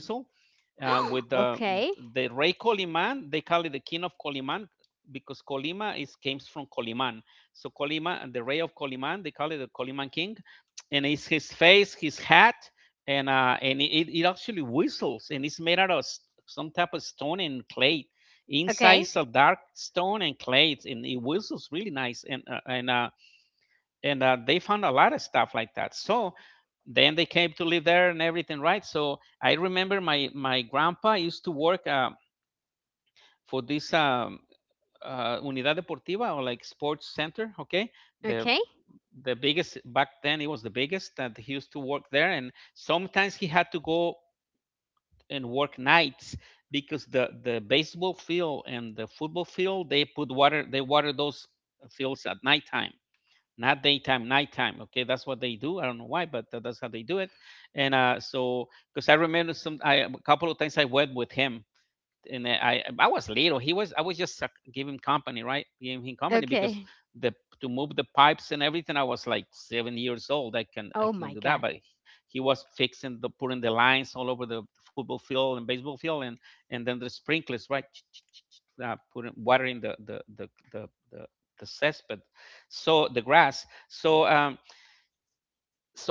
[SPEAKER 1] with
[SPEAKER 2] Okay.
[SPEAKER 1] the Rey Coliman. They call it the King of Coliman because Colima is comes from Coliman. So Colima, the Rey of Coliman, they call it the Coliman King, and it's his face, his hat, and it actually whistles, and it's made out of some type of stone and clay. Inside is a
[SPEAKER 2] Okay.
[SPEAKER 1] dark stone and clay, and it whistles really nice, and they found a lot of stuff like that. So then they came to live there and everything, right? So I remember my grandpa used to work for this unidad deportiva, or like sports center, okay? the
[SPEAKER 2] Okay.
[SPEAKER 1] the biggest, back then it was the biggest, that he used to work there, and sometimes he had to go and work nights because the baseball field and the football field, they put water, they water those fields at nighttime, not daytime, nighttime. Okay, that's what they do. I don't know why, but that's how they do it. And so, because I remember some, a couple of times I went with him, and I was little. He was I was just giving company, right? Giving him company
[SPEAKER 2] Okay.
[SPEAKER 1] because the to move the pipes and everything. I was like 7 years old.
[SPEAKER 2] Oh my
[SPEAKER 1] I can
[SPEAKER 2] god.
[SPEAKER 1] do that, but he was fixing the, putting the lines all over the football field and baseball field, and then the sprinklers, right? Putting, watering the cesspit, so the grass. So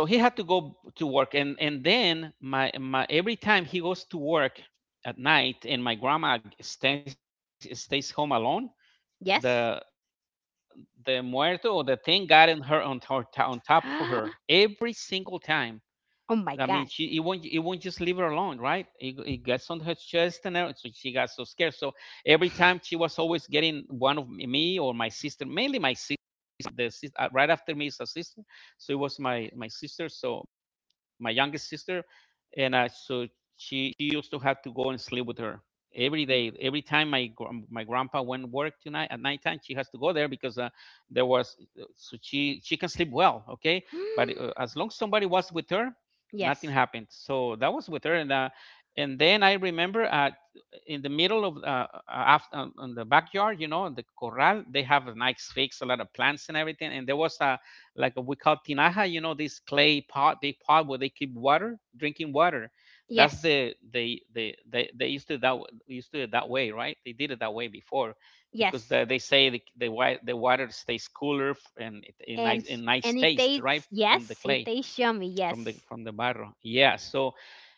[SPEAKER 1] so he had to go to work, and then my every time he goes to work at night, and my grandma stays home alone, the
[SPEAKER 2] Yes.
[SPEAKER 1] the muerto, or the thing, got in her, on her, on top of her, every single
[SPEAKER 2] Oh
[SPEAKER 1] time. I mean, she, it won't, it won't just
[SPEAKER 2] my
[SPEAKER 1] leave her
[SPEAKER 2] god.
[SPEAKER 1] alone, right? It, it gets on her chest and everything, so she got so scared. So every time she was always getting one of me or my sister, mainly my sister. My the right after me is a sister, so it was my sister, so my youngest sister, and so she used to have to go and sleep with her every day. Every time my my grandpa went to work tonight at nighttime, she has to go there because there was, so she can sleep well, okay, but as long as somebody was with her, nothing happened. So that
[SPEAKER 2] Yes.
[SPEAKER 1] was with her, and then I remember in the middle of after, on the backyard, you know, in the corral, they have a nice fix, a lot of plants and everything, and there was a like a, we call tinaja, you know, this clay pot, big pot where they keep water, drinking water. That's the
[SPEAKER 2] Yes.
[SPEAKER 1] they used to that, used to it that way, right? They did it that way before. Because the, they
[SPEAKER 2] Yes.
[SPEAKER 1] say the, the water stays cooler and it, in nice, in nice
[SPEAKER 2] And it
[SPEAKER 1] taste, right,
[SPEAKER 2] tastes,
[SPEAKER 1] from the
[SPEAKER 2] yes,
[SPEAKER 1] clay,
[SPEAKER 2] it tastes yummy. Yes.
[SPEAKER 1] from the barro. Yeah. So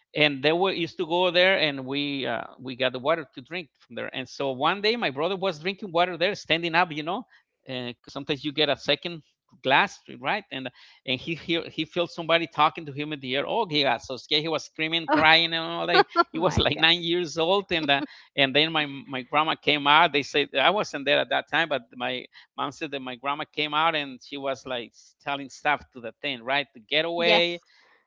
[SPEAKER 1] and they were used to go there, and we got the water to drink from there. And so one day my brother was drinking water there, standing up, you know, because sometimes you get a second glass, right? And he felt somebody talking to him in the air. Oh, he got so scared. He was screaming, crying, and all
[SPEAKER 2] Oh,
[SPEAKER 1] that. He was
[SPEAKER 2] my
[SPEAKER 1] like
[SPEAKER 2] god.
[SPEAKER 1] 9 years old, and then my grandma came out. They said I wasn't there at that time, but my mom said that my grandma came out, and she was like telling stuff to the tent, right, to get
[SPEAKER 2] Yes.
[SPEAKER 1] away.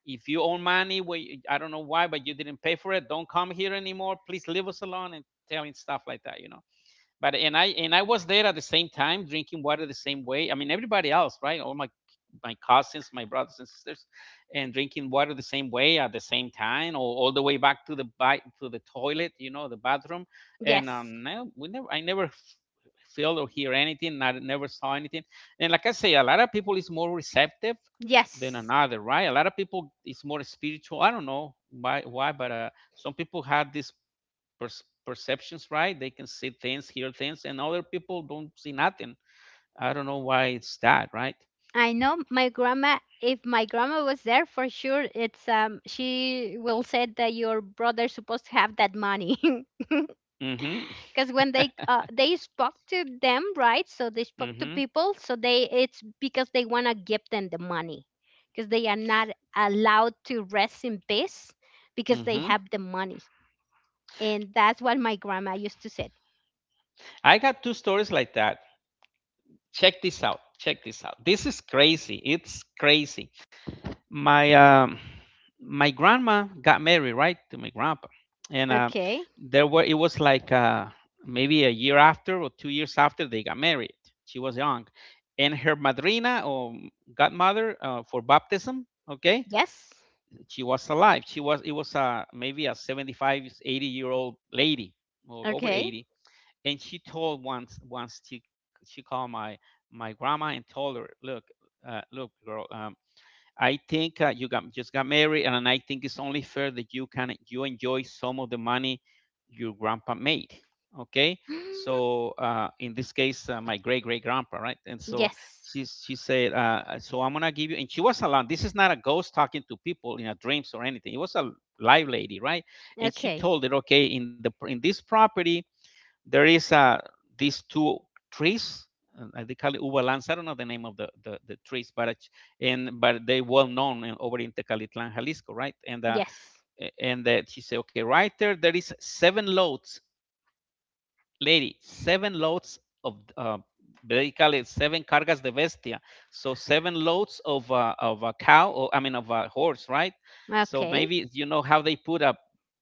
[SPEAKER 1] If you own money, we, I don't know why, but you didn't pay for it. Don't come here anymore. Please leave us alone, and telling stuff like that, you know. But and I was there at the same time, drinking water the same way. I mean, everybody else, right? All my cousins, my brothers and sisters, and drinking water the same way at the same time, or all the way back to the to the toilet, you know, the bathroom. And
[SPEAKER 2] Yes.
[SPEAKER 1] no, we never, I never feel or hear anything. I never saw anything. And like I say, a lot of people is more receptive than
[SPEAKER 2] Yes.
[SPEAKER 1] another, right? A lot of people is more spiritual. I don't know why, but some people have this perceptions, right? They can see things, hear things, and other people don't see nothing. I don't know why it's that, right?
[SPEAKER 2] I know, my grandma, if my grandma was there for sure, it's she will say that your brother's supposed to have that money.
[SPEAKER 1] Mm-hmm.
[SPEAKER 2] Cuz when they spoke to them, right? So they spoke to
[SPEAKER 1] Mm-hmm.
[SPEAKER 2] people, so they it's because they want to give them the money, because they are not allowed to rest in peace, because they
[SPEAKER 1] Hmm.
[SPEAKER 2] have the money. And that's what my grandma used to say.
[SPEAKER 1] I got two stories like that. Check this out. Check this out. This is crazy. It's crazy. My my grandma got married, right, to my grandpa, and
[SPEAKER 2] Okay.
[SPEAKER 1] there were, it was like maybe a year after or 2 years after they got married. She was young, and her madrina, or godmother, for baptism. Okay,
[SPEAKER 2] Yes.
[SPEAKER 1] she was alive. She was, it was maybe a 7580-year-old lady, or over
[SPEAKER 2] Okay.
[SPEAKER 1] 80, and she told once, she called my grandma and told her, look, look, girl, I think, you got, just got married, and I think it's only fair that you enjoy some of the money your grandpa made. Okay, so in this case, my great great grandpa, right? And so
[SPEAKER 2] Yes.
[SPEAKER 1] she said, so I'm gonna give you, and she was alone. This is not a ghost talking to people in a dreams or anything. It was a live lady, right? And she
[SPEAKER 2] Okay.
[SPEAKER 1] told it, okay, in the in this property, there is these two trees. They call it uva lanza. I don't know the name of the, the trees, but and but they well known in, over in Tecalitlan, Jalisco, right? And
[SPEAKER 2] Yes.
[SPEAKER 1] she said, okay, right there, there is seven loads, lady, seven loads of they call it seven cargas de bestia, so seven loads of a cow, or I mean of a horse, right? So
[SPEAKER 2] Okay.
[SPEAKER 1] maybe you know how they put a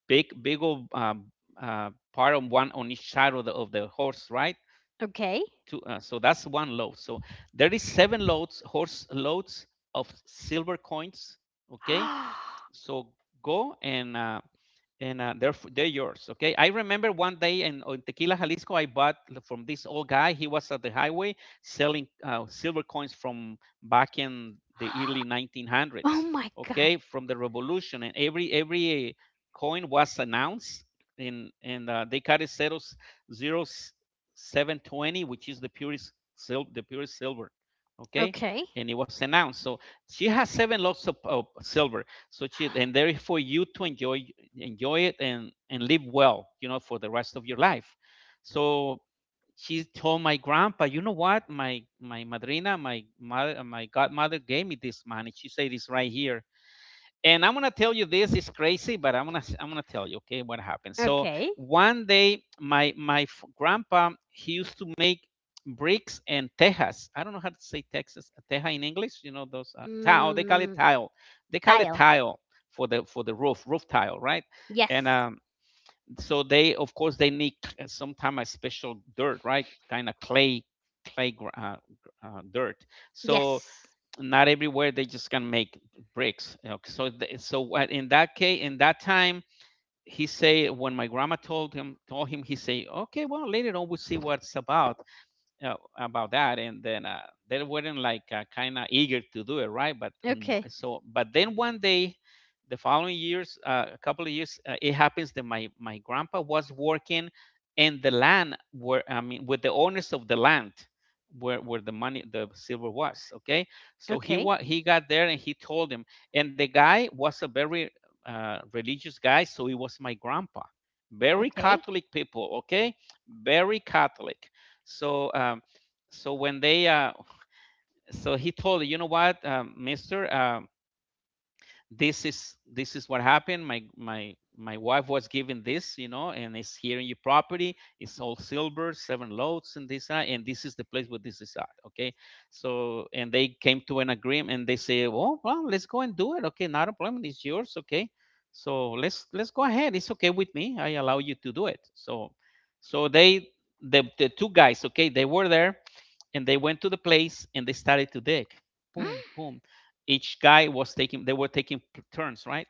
[SPEAKER 1] big old part on one on each side of the horse, right?
[SPEAKER 2] Okay.
[SPEAKER 1] Two, so that's one load. So there is seven loads, horse loads, of silver coins. Okay,
[SPEAKER 2] Oh
[SPEAKER 1] so go and they're yours. Okay, I remember one day in, oh, in Tequila, Jalisco, I bought from this old guy. He was at the highway selling silver coins from back in the early 1900s.
[SPEAKER 2] my god.
[SPEAKER 1] Okay, from the revolution, and every coin was announced, and they carry zeros, 0720, which is the purest silver, the purest silver. Okay,
[SPEAKER 2] Okay.
[SPEAKER 1] and it was announced. So she has seven lots of silver, such it, and therefore you to enjoy, enjoy it, and live well, you know, for the rest of your life. So she told my grandpa, you know what, my madrina, my mother, my godmother, gave me this money, she said, it's right here, and I'm gonna tell you, this is crazy, but I'm gonna, I'm gonna tell you, okay, what happened. So
[SPEAKER 2] Okay.
[SPEAKER 1] one day my grandpa, he used to make bricks and tejas, I don't know how to say texas, teja, in english, you know, those tile, they call it
[SPEAKER 2] Mm,
[SPEAKER 1] tile, they call it
[SPEAKER 2] tile.
[SPEAKER 1] tile, for the roof, roof tile, right? And
[SPEAKER 2] Yes.
[SPEAKER 1] so they, of course, they need sometimes a special dirt, right, kind of clay, clay, uh, dirt. So
[SPEAKER 2] Yes.
[SPEAKER 1] not everywhere they just can make bricks. You know, so so what in that case, in that time, he say when my grandma told him told him, he say, okay, well, later on we'll see what's about that. And then they weren't like kind of eager to do it, right? But and
[SPEAKER 2] Okay.
[SPEAKER 1] so but then one day, the following years, a couple of years, it happens that my grandpa was working in the land where, I mean, with the owners of the land where the money, the silver, was. Okay, so
[SPEAKER 2] Okay.
[SPEAKER 1] he got there and he told him. And the guy was a very religious guy, so it was my grandpa. Very
[SPEAKER 2] Okay.
[SPEAKER 1] Catholic people, okay, very Catholic. So so when they so he told her, you know what, Mister, this is what happened. My wife was given this, you know, and it's here in your property. It's all silver, seven loads, and this, and this is the place where this is at. Okay, so and they came to an agreement, and they say, well, well, let's go and do it. Okay, not a problem. It's yours. Okay, so let's go ahead. It's okay with me. I allow you to do it. So so they, the two guys. Okay, they were there, and they went to the place and they started to dig. Boom, boom. Each guy was taking, they were taking turns, right?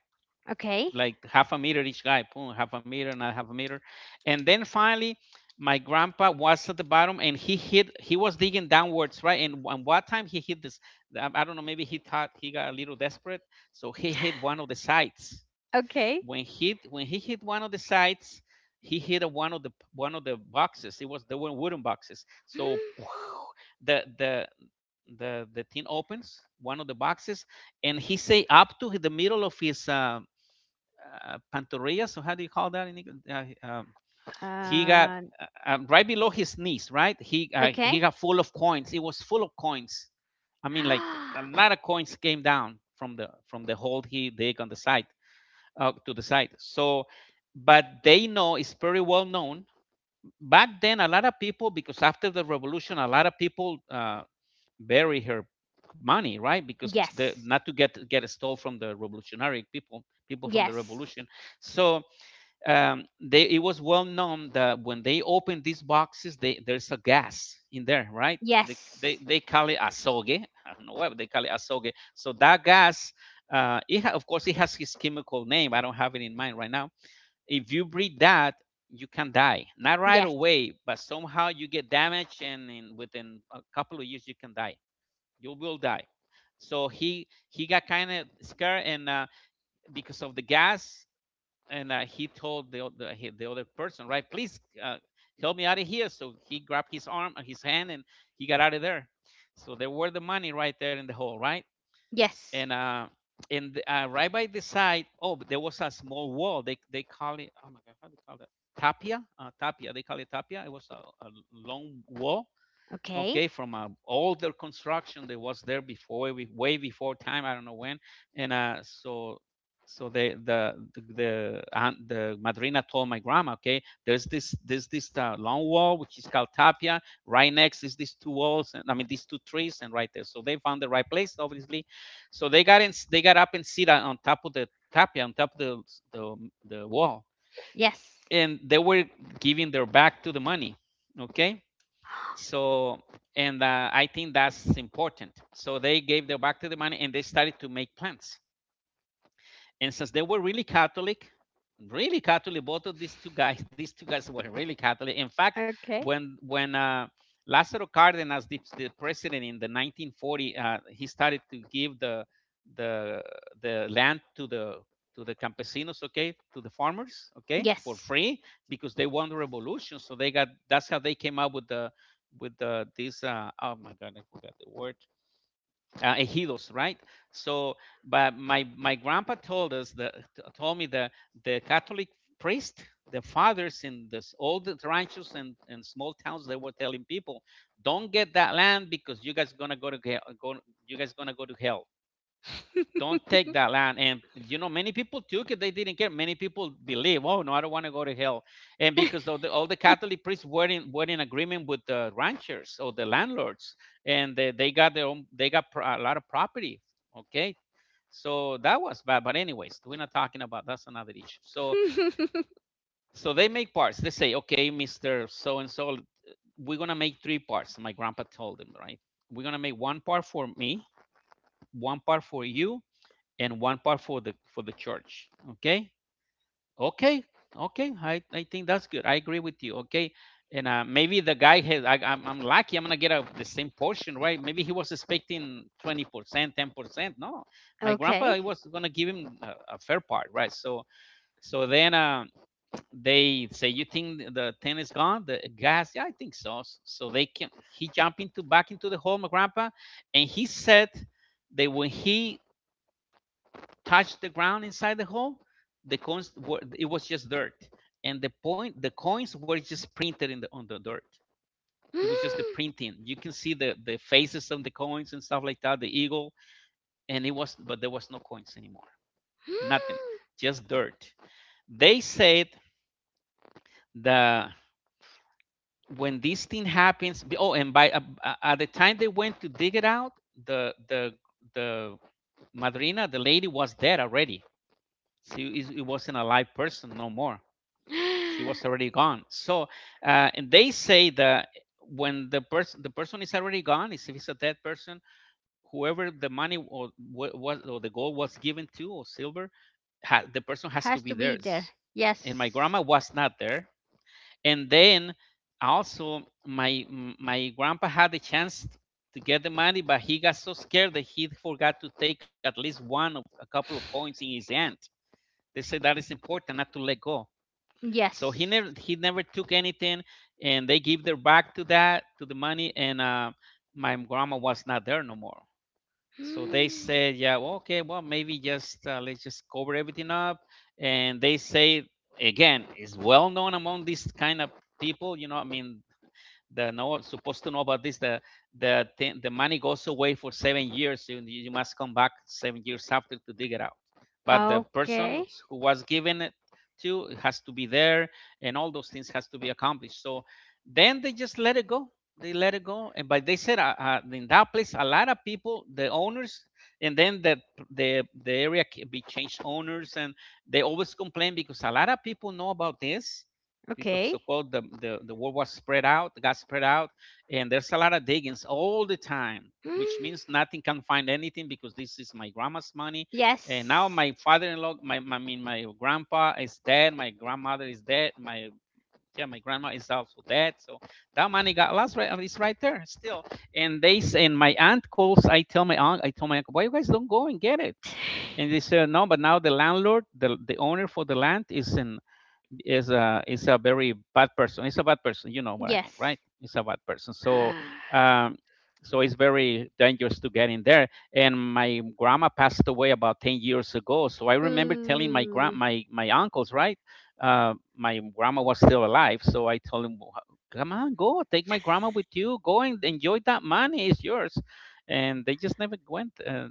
[SPEAKER 2] Okay.
[SPEAKER 1] Like half a meter each guy, boom, half a meter, not half a meter. And then finally, my grandpa was at the bottom and he hit, he was digging downwards, right? And one time he hit this, I don't know, maybe he thought, he got a little desperate. So he hit one of the sides.
[SPEAKER 2] Okay.
[SPEAKER 1] When he hit one of the sides, he hit a, one of the boxes. It was, they were wooden boxes. So the the the thing opens one of the boxes, and he say up to the middle of his pantorrilla, so how do you call that? Uh, um, he got,
[SPEAKER 2] Uh,
[SPEAKER 1] uh, right below his knees, right? He
[SPEAKER 2] okay.
[SPEAKER 1] he got full of coins. It was full of coins. I mean, like, a lot of coins came down from the hole he dig on the side, to the side. So but they know, it's pretty well known back then, a lot of people, because after the revolution a lot of people bury her money, right? Because the,
[SPEAKER 2] Yes.
[SPEAKER 1] not to get stole from the revolutionary people, people from the
[SPEAKER 2] Yes.
[SPEAKER 1] revolution. So they, it was well known that when they open these boxes, they, there's a gas in there, right?
[SPEAKER 2] Yes.
[SPEAKER 1] They call it azogue. I don't know why, but they call it azogue. So that gas, of course, it has his chemical name. I don't have it in mind right now. If you breathe that, you can die. Not right
[SPEAKER 2] Yes.
[SPEAKER 1] away, but somehow you get damaged, and in, within a couple of years, you can die, you will die. So he got kind of scared, and because of the gas. And he told the, the other person, right, please, help me out of here. So he grabbed his arm, his hand, and he got out of there. So there were the money right there in the hole, right?
[SPEAKER 2] Yes.
[SPEAKER 1] And and right by the side, oh, but there was a small wall, they call it, oh my god, how do you call that? Tapia, tapia, they call it tapia. It was a long wall.
[SPEAKER 2] Okay.
[SPEAKER 1] Okay, from an older construction that was there before, way before time, I don't know when. And so so they the aunt, the madrina, told my grandma, okay, there's this long wall which is called tapia, right next is these two walls, and I mean these two trees, and right there. So they found the right place obviously. So they got in, they got up and sit on top of the tapia, on top of the, the wall.
[SPEAKER 2] Yes.
[SPEAKER 1] And they were giving their back to the money, okay. So and I think that's important. So they gave their back to the money and they started to make plans. And since they were really Catholic, both of these two guys, these two guys were really Catholic. In fact,
[SPEAKER 2] Okay.
[SPEAKER 1] when Lázaro Cárdenas, the president in the 1940, he started to give the the the land to the campesinos, okay, to the farmers, okay, for
[SPEAKER 2] Yes.
[SPEAKER 1] free, because they won the revolution. So they got, that's how they came up with the this oh my god, I forgot the word, ejidos, right? So, but my grandpa told us that, told me that the Catholic priest, the fathers in this, all the ranchos and small towns, they were telling people, don't get that land because you guys gonna go to go, you guys gonna go to hell. Don't take that land. And you know, many people took it, they didn't care. Many people believe, oh no, I don't want to go to hell. And because all the Catholic priests were in, were in agreement with the ranchers or the landlords, and they got their own, they got a lot of property. Okay, so that was bad, but anyways, we're not talking about, that's another issue. So so they make parts, they say, okay, Mr. So and So, we're gonna make three parts, my grandpa told him, right? We're gonna make one part for me, one part for you, and one part for the church, okay? Okay. Okay, I think that's good, I agree with you, okay. And maybe the guy has, I'm lucky, I'm gonna get a, the same portion, right? Maybe he was expecting 20%, 10%, no. My grandpa,
[SPEAKER 2] Okay.
[SPEAKER 1] he was gonna give him a fair part, right? So so then they say, you think the 10 is gone, the gas? Yeah, I think so. So they can, he jumped into, back into the hole, my grandpa. And he said that when he touched the ground inside the hole, the coins were, it was just dirt, and the point, the coins were just printed in the, on the dirt. It was just the printing. You can see the faces of the coins and stuff like that, the eagle. And it was, but there was no coins anymore, nothing, just dirt. They said that when this thing happens, oh, and by at the time they went to dig it out, the the the madrina, the lady, was dead already. So it wasn't a live person no more, she was already gone. So and they say that when the person, the person is already gone, is, if it's a dead person, whoever the money or what or the gold was given to, or silver, the person has to
[SPEAKER 2] Has
[SPEAKER 1] be
[SPEAKER 2] to be there.
[SPEAKER 1] theirs. And my grandma
[SPEAKER 2] Yes.
[SPEAKER 1] was not there. And then also my grandpa had the chance to get the money, but he got so scared that he forgot to take at least one of a couple of coins in his hand. They said that is important, not to let go. So he never,
[SPEAKER 2] Yes.
[SPEAKER 1] he never took anything. And they give their back to that, to the money. And my grandma was not there no more. So they said, yeah, well, okay, well, maybe just, let's just cover everything up. And they say, again, it's well known among these kind of people, you know, I mean, the know supposed to know about this, the the money goes away for 7 years. You, you must come back 7 years after to dig it out. But the person
[SPEAKER 2] Okay.
[SPEAKER 1] who was given it to has to be there, and all those things has to be accomplished. So then they just let it go. They let it go. And but they said, in that place, a lot of people, the owners, and then the the area can be changed owners, and they always complain because a lot of people know about this. Because
[SPEAKER 2] Okay.
[SPEAKER 1] so called the, the word was spread out, got spread out, and there's a lot of diggings all the time, which means nothing can find anything, because this is my grandma's money. And now
[SPEAKER 2] Yes.
[SPEAKER 1] my father-in-law, my, I mean my grandpa, is dead, my grandmother is dead, my, yeah, my grandma is also dead. So that money got lost, right? It's right there still. And they say, and my aunt calls, I tell my aunt, I tell my uncle, why you guys don't go and get it? And they said no, but now the landlord, the owner for the land is in is a very bad person. It's a bad person. You know what I mean,
[SPEAKER 2] Yes.
[SPEAKER 1] right? It's a bad person. Um, so it's very dangerous to get in there. And my grandma passed away about 10 years ago. So I remember telling my grand
[SPEAKER 2] Ooh.
[SPEAKER 1] my my uncles, right? My grandma was still alive. So I told him, come on, go take my grandma with you. Go and enjoy that money. It's yours. And they just never went.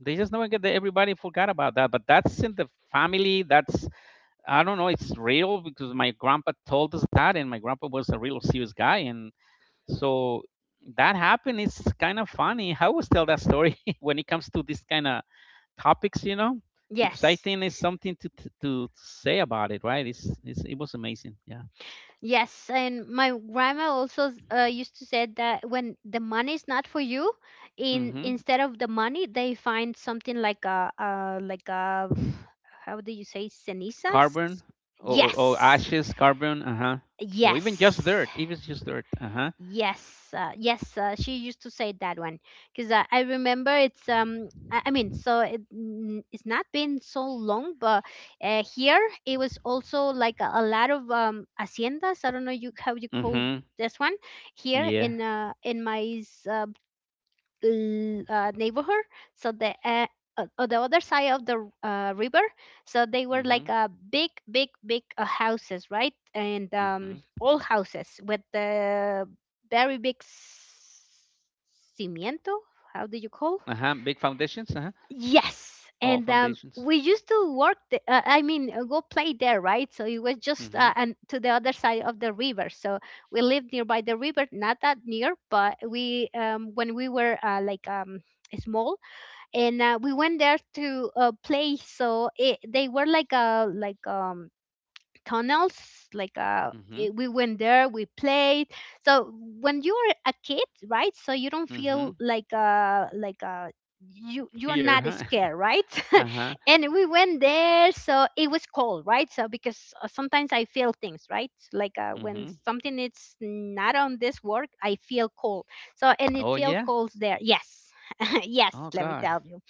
[SPEAKER 1] They just never get. Everybody forgot about that. But that's in the family. That's, I don't know, it's real because my grandpa told us that, and my grandpa was a real serious guy, and so that happened. It's kind of funny. I always tell that story when it comes to this kind of topics, you know, because I
[SPEAKER 2] Yes.
[SPEAKER 1] think it's something to say about it, right? It's it was amazing, yeah.
[SPEAKER 2] Yes, and my grandma also used to say that when the money is not for you, in
[SPEAKER 1] Hmm.
[SPEAKER 2] instead of the money, they find something like a, how do you say, cenizas?
[SPEAKER 1] Carbon, or
[SPEAKER 2] Yes,
[SPEAKER 1] ashes, carbon, uh huh, or
[SPEAKER 2] yes.
[SPEAKER 1] even just dirt, uh huh.
[SPEAKER 2] Yes, yes, she used to say that one, because I remember it's I mean, so it's not been so long. But here it was also like a lot of haciendas, I don't know you how you call
[SPEAKER 1] Mm-hmm.
[SPEAKER 2] this one, here
[SPEAKER 1] Yeah.
[SPEAKER 2] in my uh, neighborhood, so the on the other side of the river. So they were
[SPEAKER 1] Mm-hmm.
[SPEAKER 2] like a big big big houses, right? And
[SPEAKER 1] Mm-hmm.
[SPEAKER 2] all houses with the very big cimiento, how do you call?
[SPEAKER 1] Uh-huh. Big foundations, uh-huh.
[SPEAKER 2] Yes,
[SPEAKER 1] All
[SPEAKER 2] and
[SPEAKER 1] foundations.
[SPEAKER 2] we used to work. The, I mean, go play there, right? So it was just
[SPEAKER 1] Mm-hmm.
[SPEAKER 2] and to the other side of the river. So we lived nearby the river, not that near, but we when we were like small, and we went there to play. So it, they were like a like tunnels, like
[SPEAKER 1] Mm-hmm.
[SPEAKER 2] we went there, we played. So when you're a kid, right? So you don't feel
[SPEAKER 1] Mhm.
[SPEAKER 2] like you're
[SPEAKER 1] Fear,
[SPEAKER 2] not
[SPEAKER 1] huh?
[SPEAKER 2] scared, right?
[SPEAKER 1] Uh-huh.
[SPEAKER 2] And we went there, so it was cold, right? So because sometimes I feel things, right? Like when
[SPEAKER 1] Mhm.
[SPEAKER 2] something is not on this work, I feel cold. So and it
[SPEAKER 1] Oh,
[SPEAKER 2] feel
[SPEAKER 1] yeah.
[SPEAKER 2] cold there, yes. Yes,
[SPEAKER 1] Oh,
[SPEAKER 2] let me
[SPEAKER 1] God.
[SPEAKER 2] tell you.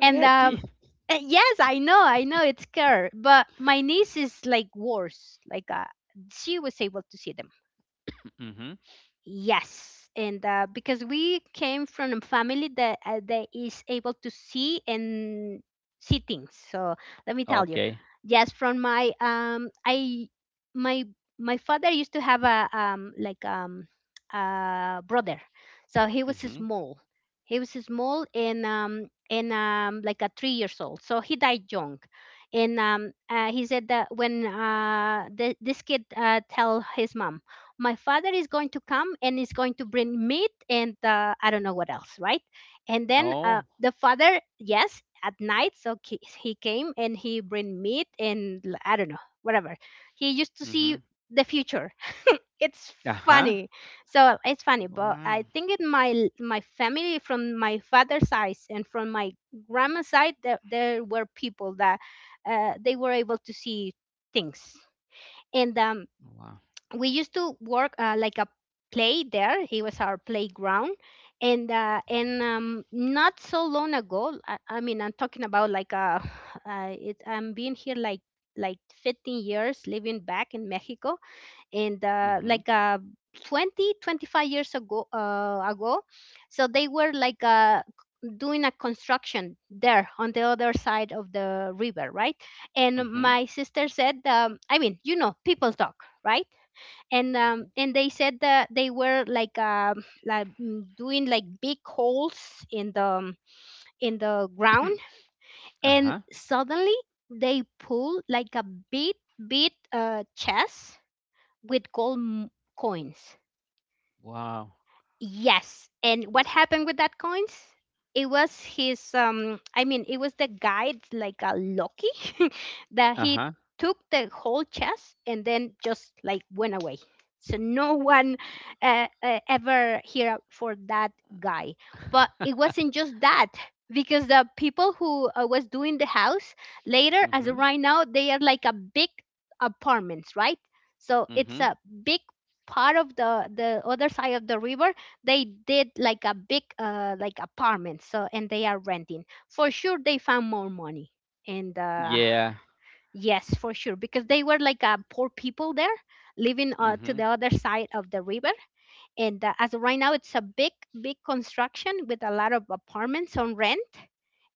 [SPEAKER 2] And yes, I know it's scary. But my niece is like worse, like she was able to see them.
[SPEAKER 1] Mhm.
[SPEAKER 2] Yes, and because we came from a family that is able to see and see things. So let me tell you,
[SPEAKER 1] Okay.
[SPEAKER 2] yes, from my I my father used to have a a brother, so he was
[SPEAKER 1] Mhm.
[SPEAKER 2] small. He was small, and like a 3 years old. So he died young, and he said that when the, this kid tell his mom, my father is going to come and is going to bring meat and I don't know what else, right? And then
[SPEAKER 1] Oh.
[SPEAKER 2] the father, yes, at night, so he came and he bring meat and I don't know, whatever. He used to
[SPEAKER 1] Mhm.
[SPEAKER 2] see the future. It's
[SPEAKER 1] Uh-huh.
[SPEAKER 2] funny. So it's funny, but
[SPEAKER 1] Wow.
[SPEAKER 2] I think in my family from my father's side and from my grandma's side, there were people that they were able to see things. And
[SPEAKER 1] Wow.
[SPEAKER 2] we used to work like a play there. It was our playground, and not so long ago. I mean, I'm talking about like it, I'm being here like 15 years living back in Mexico, and
[SPEAKER 1] Mhm.
[SPEAKER 2] like 20 25 years ago so they were like doing a construction there on the other side of the river, right? And
[SPEAKER 1] Mhm.
[SPEAKER 2] my sister said, I mean, you know, people talk, right? And
[SPEAKER 1] Mhm.
[SPEAKER 2] they said that they were like doing like big holes in the ground, and
[SPEAKER 1] Uh-huh.
[SPEAKER 2] suddenly they pull like a big big chest with gold coins.
[SPEAKER 1] Wow.
[SPEAKER 2] Yes. And what happened with that coins? It was his I mean, it was the guide, like a Loki that he
[SPEAKER 1] Uh-huh.
[SPEAKER 2] took the whole chest and then just like went away. So no one ever hear for that guy. But it wasn't just that, because the people who was doing the house, later as of
[SPEAKER 1] Mhm.
[SPEAKER 2] right now they are like a big apartments, right? So it's
[SPEAKER 1] Mhm.
[SPEAKER 2] a big part of the other side of the river. They did like a big like apartment, so and they are renting for sure. They found more money and
[SPEAKER 1] Yeah.
[SPEAKER 2] yes, for sure, because they were like poor people there living to
[SPEAKER 1] Mhm.
[SPEAKER 2] the other side of the river. And as of right now, it's a big, big construction with a lot of apartments on rent.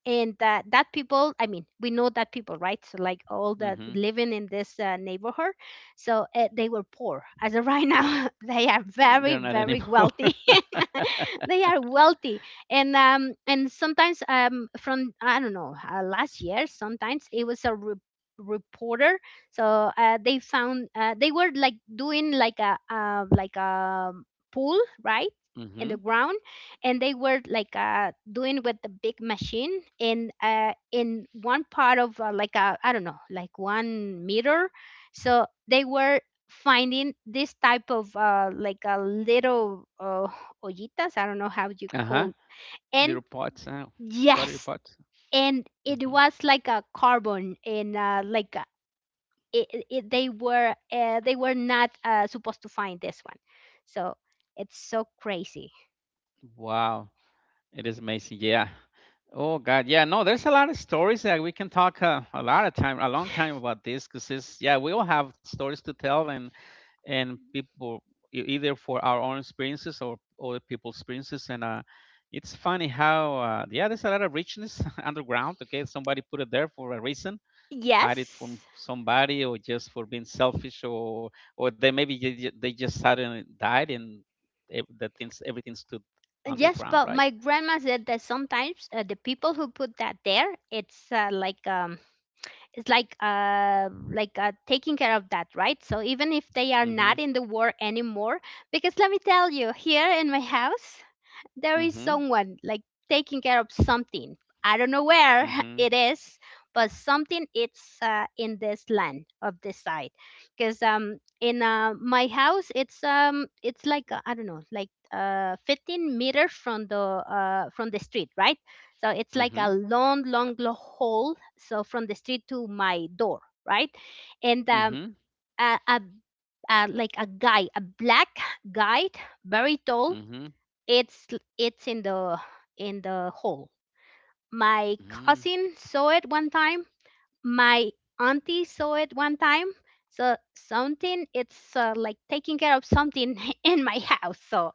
[SPEAKER 2] And that people, I mean we know that people, right? So like all the
[SPEAKER 1] Mhm.
[SPEAKER 2] living in this neighborhood. So they were poor. As of right now, they are very,
[SPEAKER 1] They're not
[SPEAKER 2] very
[SPEAKER 1] anymore.
[SPEAKER 2] wealthy. They are wealthy. And sometimes, from I don't know, last year, sometimes it was a reporter. So they found, they were like doing like a pool, right? In the
[SPEAKER 1] Mhm.
[SPEAKER 2] ground. And they were like doing with the big machine, and in one part of like I don't know, like 1 meter. So they were finding this type of like a little ollitas, I don't know how you
[SPEAKER 1] Uh-huh.
[SPEAKER 2] call. And
[SPEAKER 1] Little pots, huh? Pottery
[SPEAKER 2] yes.
[SPEAKER 1] pots.
[SPEAKER 2] And it
[SPEAKER 1] Mhm.
[SPEAKER 2] was like a carbon, and like they were not supposed to find this one. So it's so crazy.
[SPEAKER 1] Wow. It is amazing. Yeah. Oh God. Yeah. No, there's a lot of stories that we can talk a lot of time, a long time about this, because it's, yeah, we all have stories to tell, and people, either for our own experiences or other people's experiences, and it's funny how yeah, there's a lot of richness underground. Okay, somebody put it there for a reason. Hide it from
[SPEAKER 2] Yes.
[SPEAKER 1] somebody, or just for being selfish, or they maybe they just suddenly died, and that things everything stood
[SPEAKER 2] Yes,
[SPEAKER 1] underground,
[SPEAKER 2] but
[SPEAKER 1] right?
[SPEAKER 2] my grandma said that sometimes the people who put that there, it's like, it's like taking care of that, right? So even if they are
[SPEAKER 1] Mm-hmm.
[SPEAKER 2] not in the war anymore. Because let me tell you, here in my house, there is
[SPEAKER 1] Mhm,
[SPEAKER 2] someone like taking care of something. I don't know where
[SPEAKER 1] mhm,
[SPEAKER 2] it is, but something it's in this land of this side. Because in my house, it's like I don't know, like 15 meters from the street, right? So it's like a
[SPEAKER 1] mhm,
[SPEAKER 2] long, long, long hole. So from the street to my door, right? And
[SPEAKER 1] mhm,
[SPEAKER 2] a, a, a like a guy, a black guy, very tall,
[SPEAKER 1] mhm,
[SPEAKER 2] it's it's in the hole. My
[SPEAKER 1] mhm.
[SPEAKER 2] cousin saw it one time. My auntie saw it one time. So something it's like taking care of something in my house. So,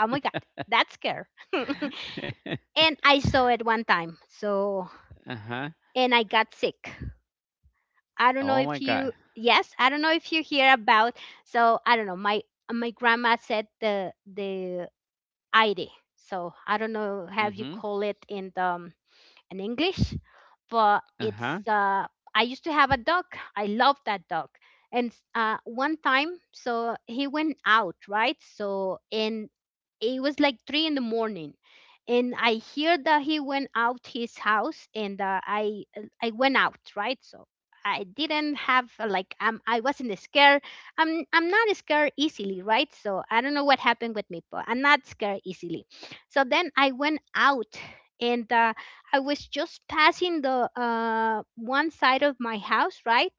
[SPEAKER 2] oh my god, that's scare. And I saw it one time. So,
[SPEAKER 1] Uh-huh.
[SPEAKER 2] and I got sick. I don't know
[SPEAKER 1] Oh my
[SPEAKER 2] if you,
[SPEAKER 1] god.
[SPEAKER 2] yes, I don't know if you hear about. So I don't know. My grandma said the aire. So I don't know. Have you
[SPEAKER 1] Mhm.
[SPEAKER 2] call it in the in English? But
[SPEAKER 1] Uh-huh.
[SPEAKER 2] it's I used to have a dog. I love that dog. And one time, so he went out, right? So, and it was like three in the morning, and I hear that he went out his house, and uh, I went out, right? So I didn't have like, I wasn't scared. I'm not scared easily, right? So I don't know what happened with me, but I'm not scared easily. So then I went out and I was just passing the one side of my house, right?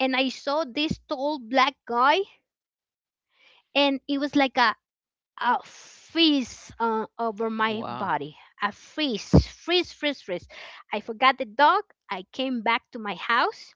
[SPEAKER 2] And I saw this tall black guy, and it was like a freeze
[SPEAKER 1] Wow.
[SPEAKER 2] over my body. A freeze, freeze, freeze, freeze. I forgot the dog. I came back to my house,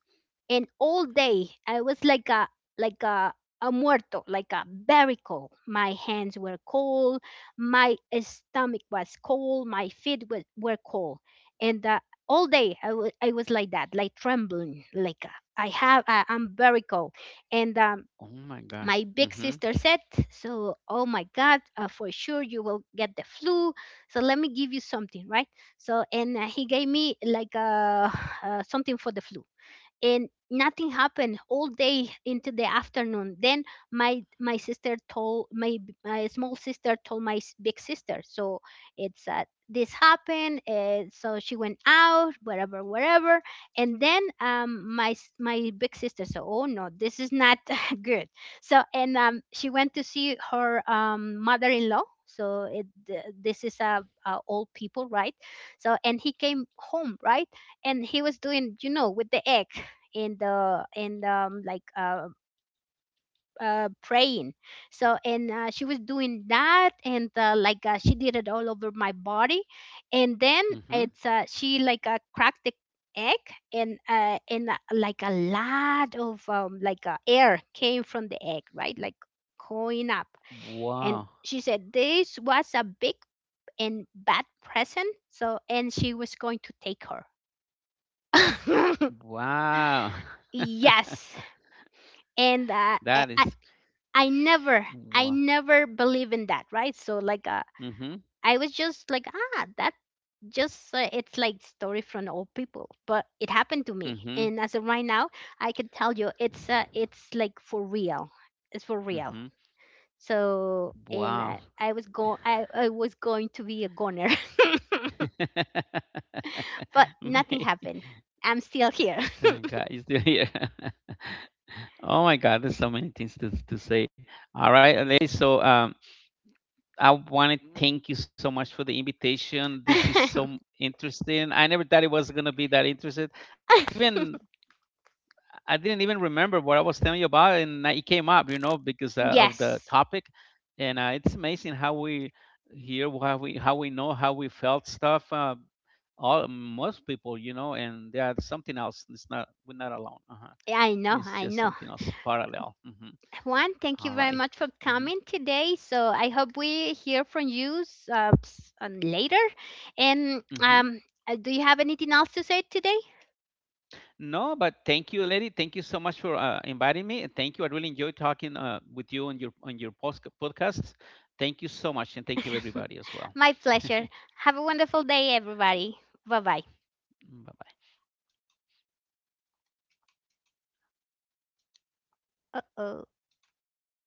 [SPEAKER 2] and all day I was like a muerto, like a barnacle. My hands were cold, my stomach was cold, my feet were cold, and all day I was like that, like trembling, like I have I'm very cold. and
[SPEAKER 1] Oh
[SPEAKER 2] um
[SPEAKER 1] my god.
[SPEAKER 2] my
[SPEAKER 1] Mhm.
[SPEAKER 2] big sister said, so, oh my god, for sure you will get the flu, so let me give you something, right? So and he gave me like something for the flu, and nothing happened all day into the afternoon. Then my sister told my my small sister, told my big sister, so it's this happened, so she went out, wherever, wherever. And then my my big sister said, oh no, this is not good. So, and she went to see her mother-in-law. So it this is a old people, right? So and he came home, right? And he was doing, you know, with the egg in the in like praying. So and she was doing that, and like she did it all over my body. And then
[SPEAKER 1] Mhm.
[SPEAKER 2] it's she like cracked the egg, and like a lot of like air came from the egg, right, like going up.
[SPEAKER 1] Wow.
[SPEAKER 2] And she said this was a big and bad present. So, and she was going to take her.
[SPEAKER 1] Wow.
[SPEAKER 2] Yes. And
[SPEAKER 1] That
[SPEAKER 2] I,
[SPEAKER 1] is
[SPEAKER 2] I never, I
[SPEAKER 1] wow.
[SPEAKER 2] never believe in that, right? So like,
[SPEAKER 1] Mhm.
[SPEAKER 2] I was just like, ah, that just it's like story from old people, but it happened to me.
[SPEAKER 1] Mhm.
[SPEAKER 2] And as of right now, I can tell you, it's like for real, it's for real.
[SPEAKER 1] Mhm.
[SPEAKER 2] So, and
[SPEAKER 1] Wow.
[SPEAKER 2] I was going to be a goner, but nothing
[SPEAKER 1] May-
[SPEAKER 2] happened. I'm still here.
[SPEAKER 1] Thank God you're still here. Oh my God, there's so many things to say. All right, ladies. I want to thank you so much for the invitation. This is so interesting. I never thought it was gonna be that interested. I even I didn't even remember what I was telling you about, and it came up, you know, because of the
[SPEAKER 2] Yes,
[SPEAKER 1] topic. And it's amazing how we hear how we know how we felt stuff. All most people, you know, and there's something else. It's not, we're not alone. Uh-huh.
[SPEAKER 2] I know,
[SPEAKER 1] It's
[SPEAKER 2] I
[SPEAKER 1] just
[SPEAKER 2] know.
[SPEAKER 1] something else parallel. Mhm.
[SPEAKER 2] Juan, thank you
[SPEAKER 1] All
[SPEAKER 2] very
[SPEAKER 1] right.
[SPEAKER 2] much for
[SPEAKER 1] Mm-hmm.
[SPEAKER 2] coming today. So I hope we hear from you later. And
[SPEAKER 1] Mm-hmm.
[SPEAKER 2] do you have anything else to say today?
[SPEAKER 1] No, but thank you, Lady. Thank you so much for inviting me, and thank you. I really enjoyed talking with you on your podcasts. Thank you so much, and thank you everybody as well.
[SPEAKER 2] My pleasure. Have a wonderful day, everybody. Bye bye.
[SPEAKER 1] Bye
[SPEAKER 2] Uh oh.
[SPEAKER 1] bye.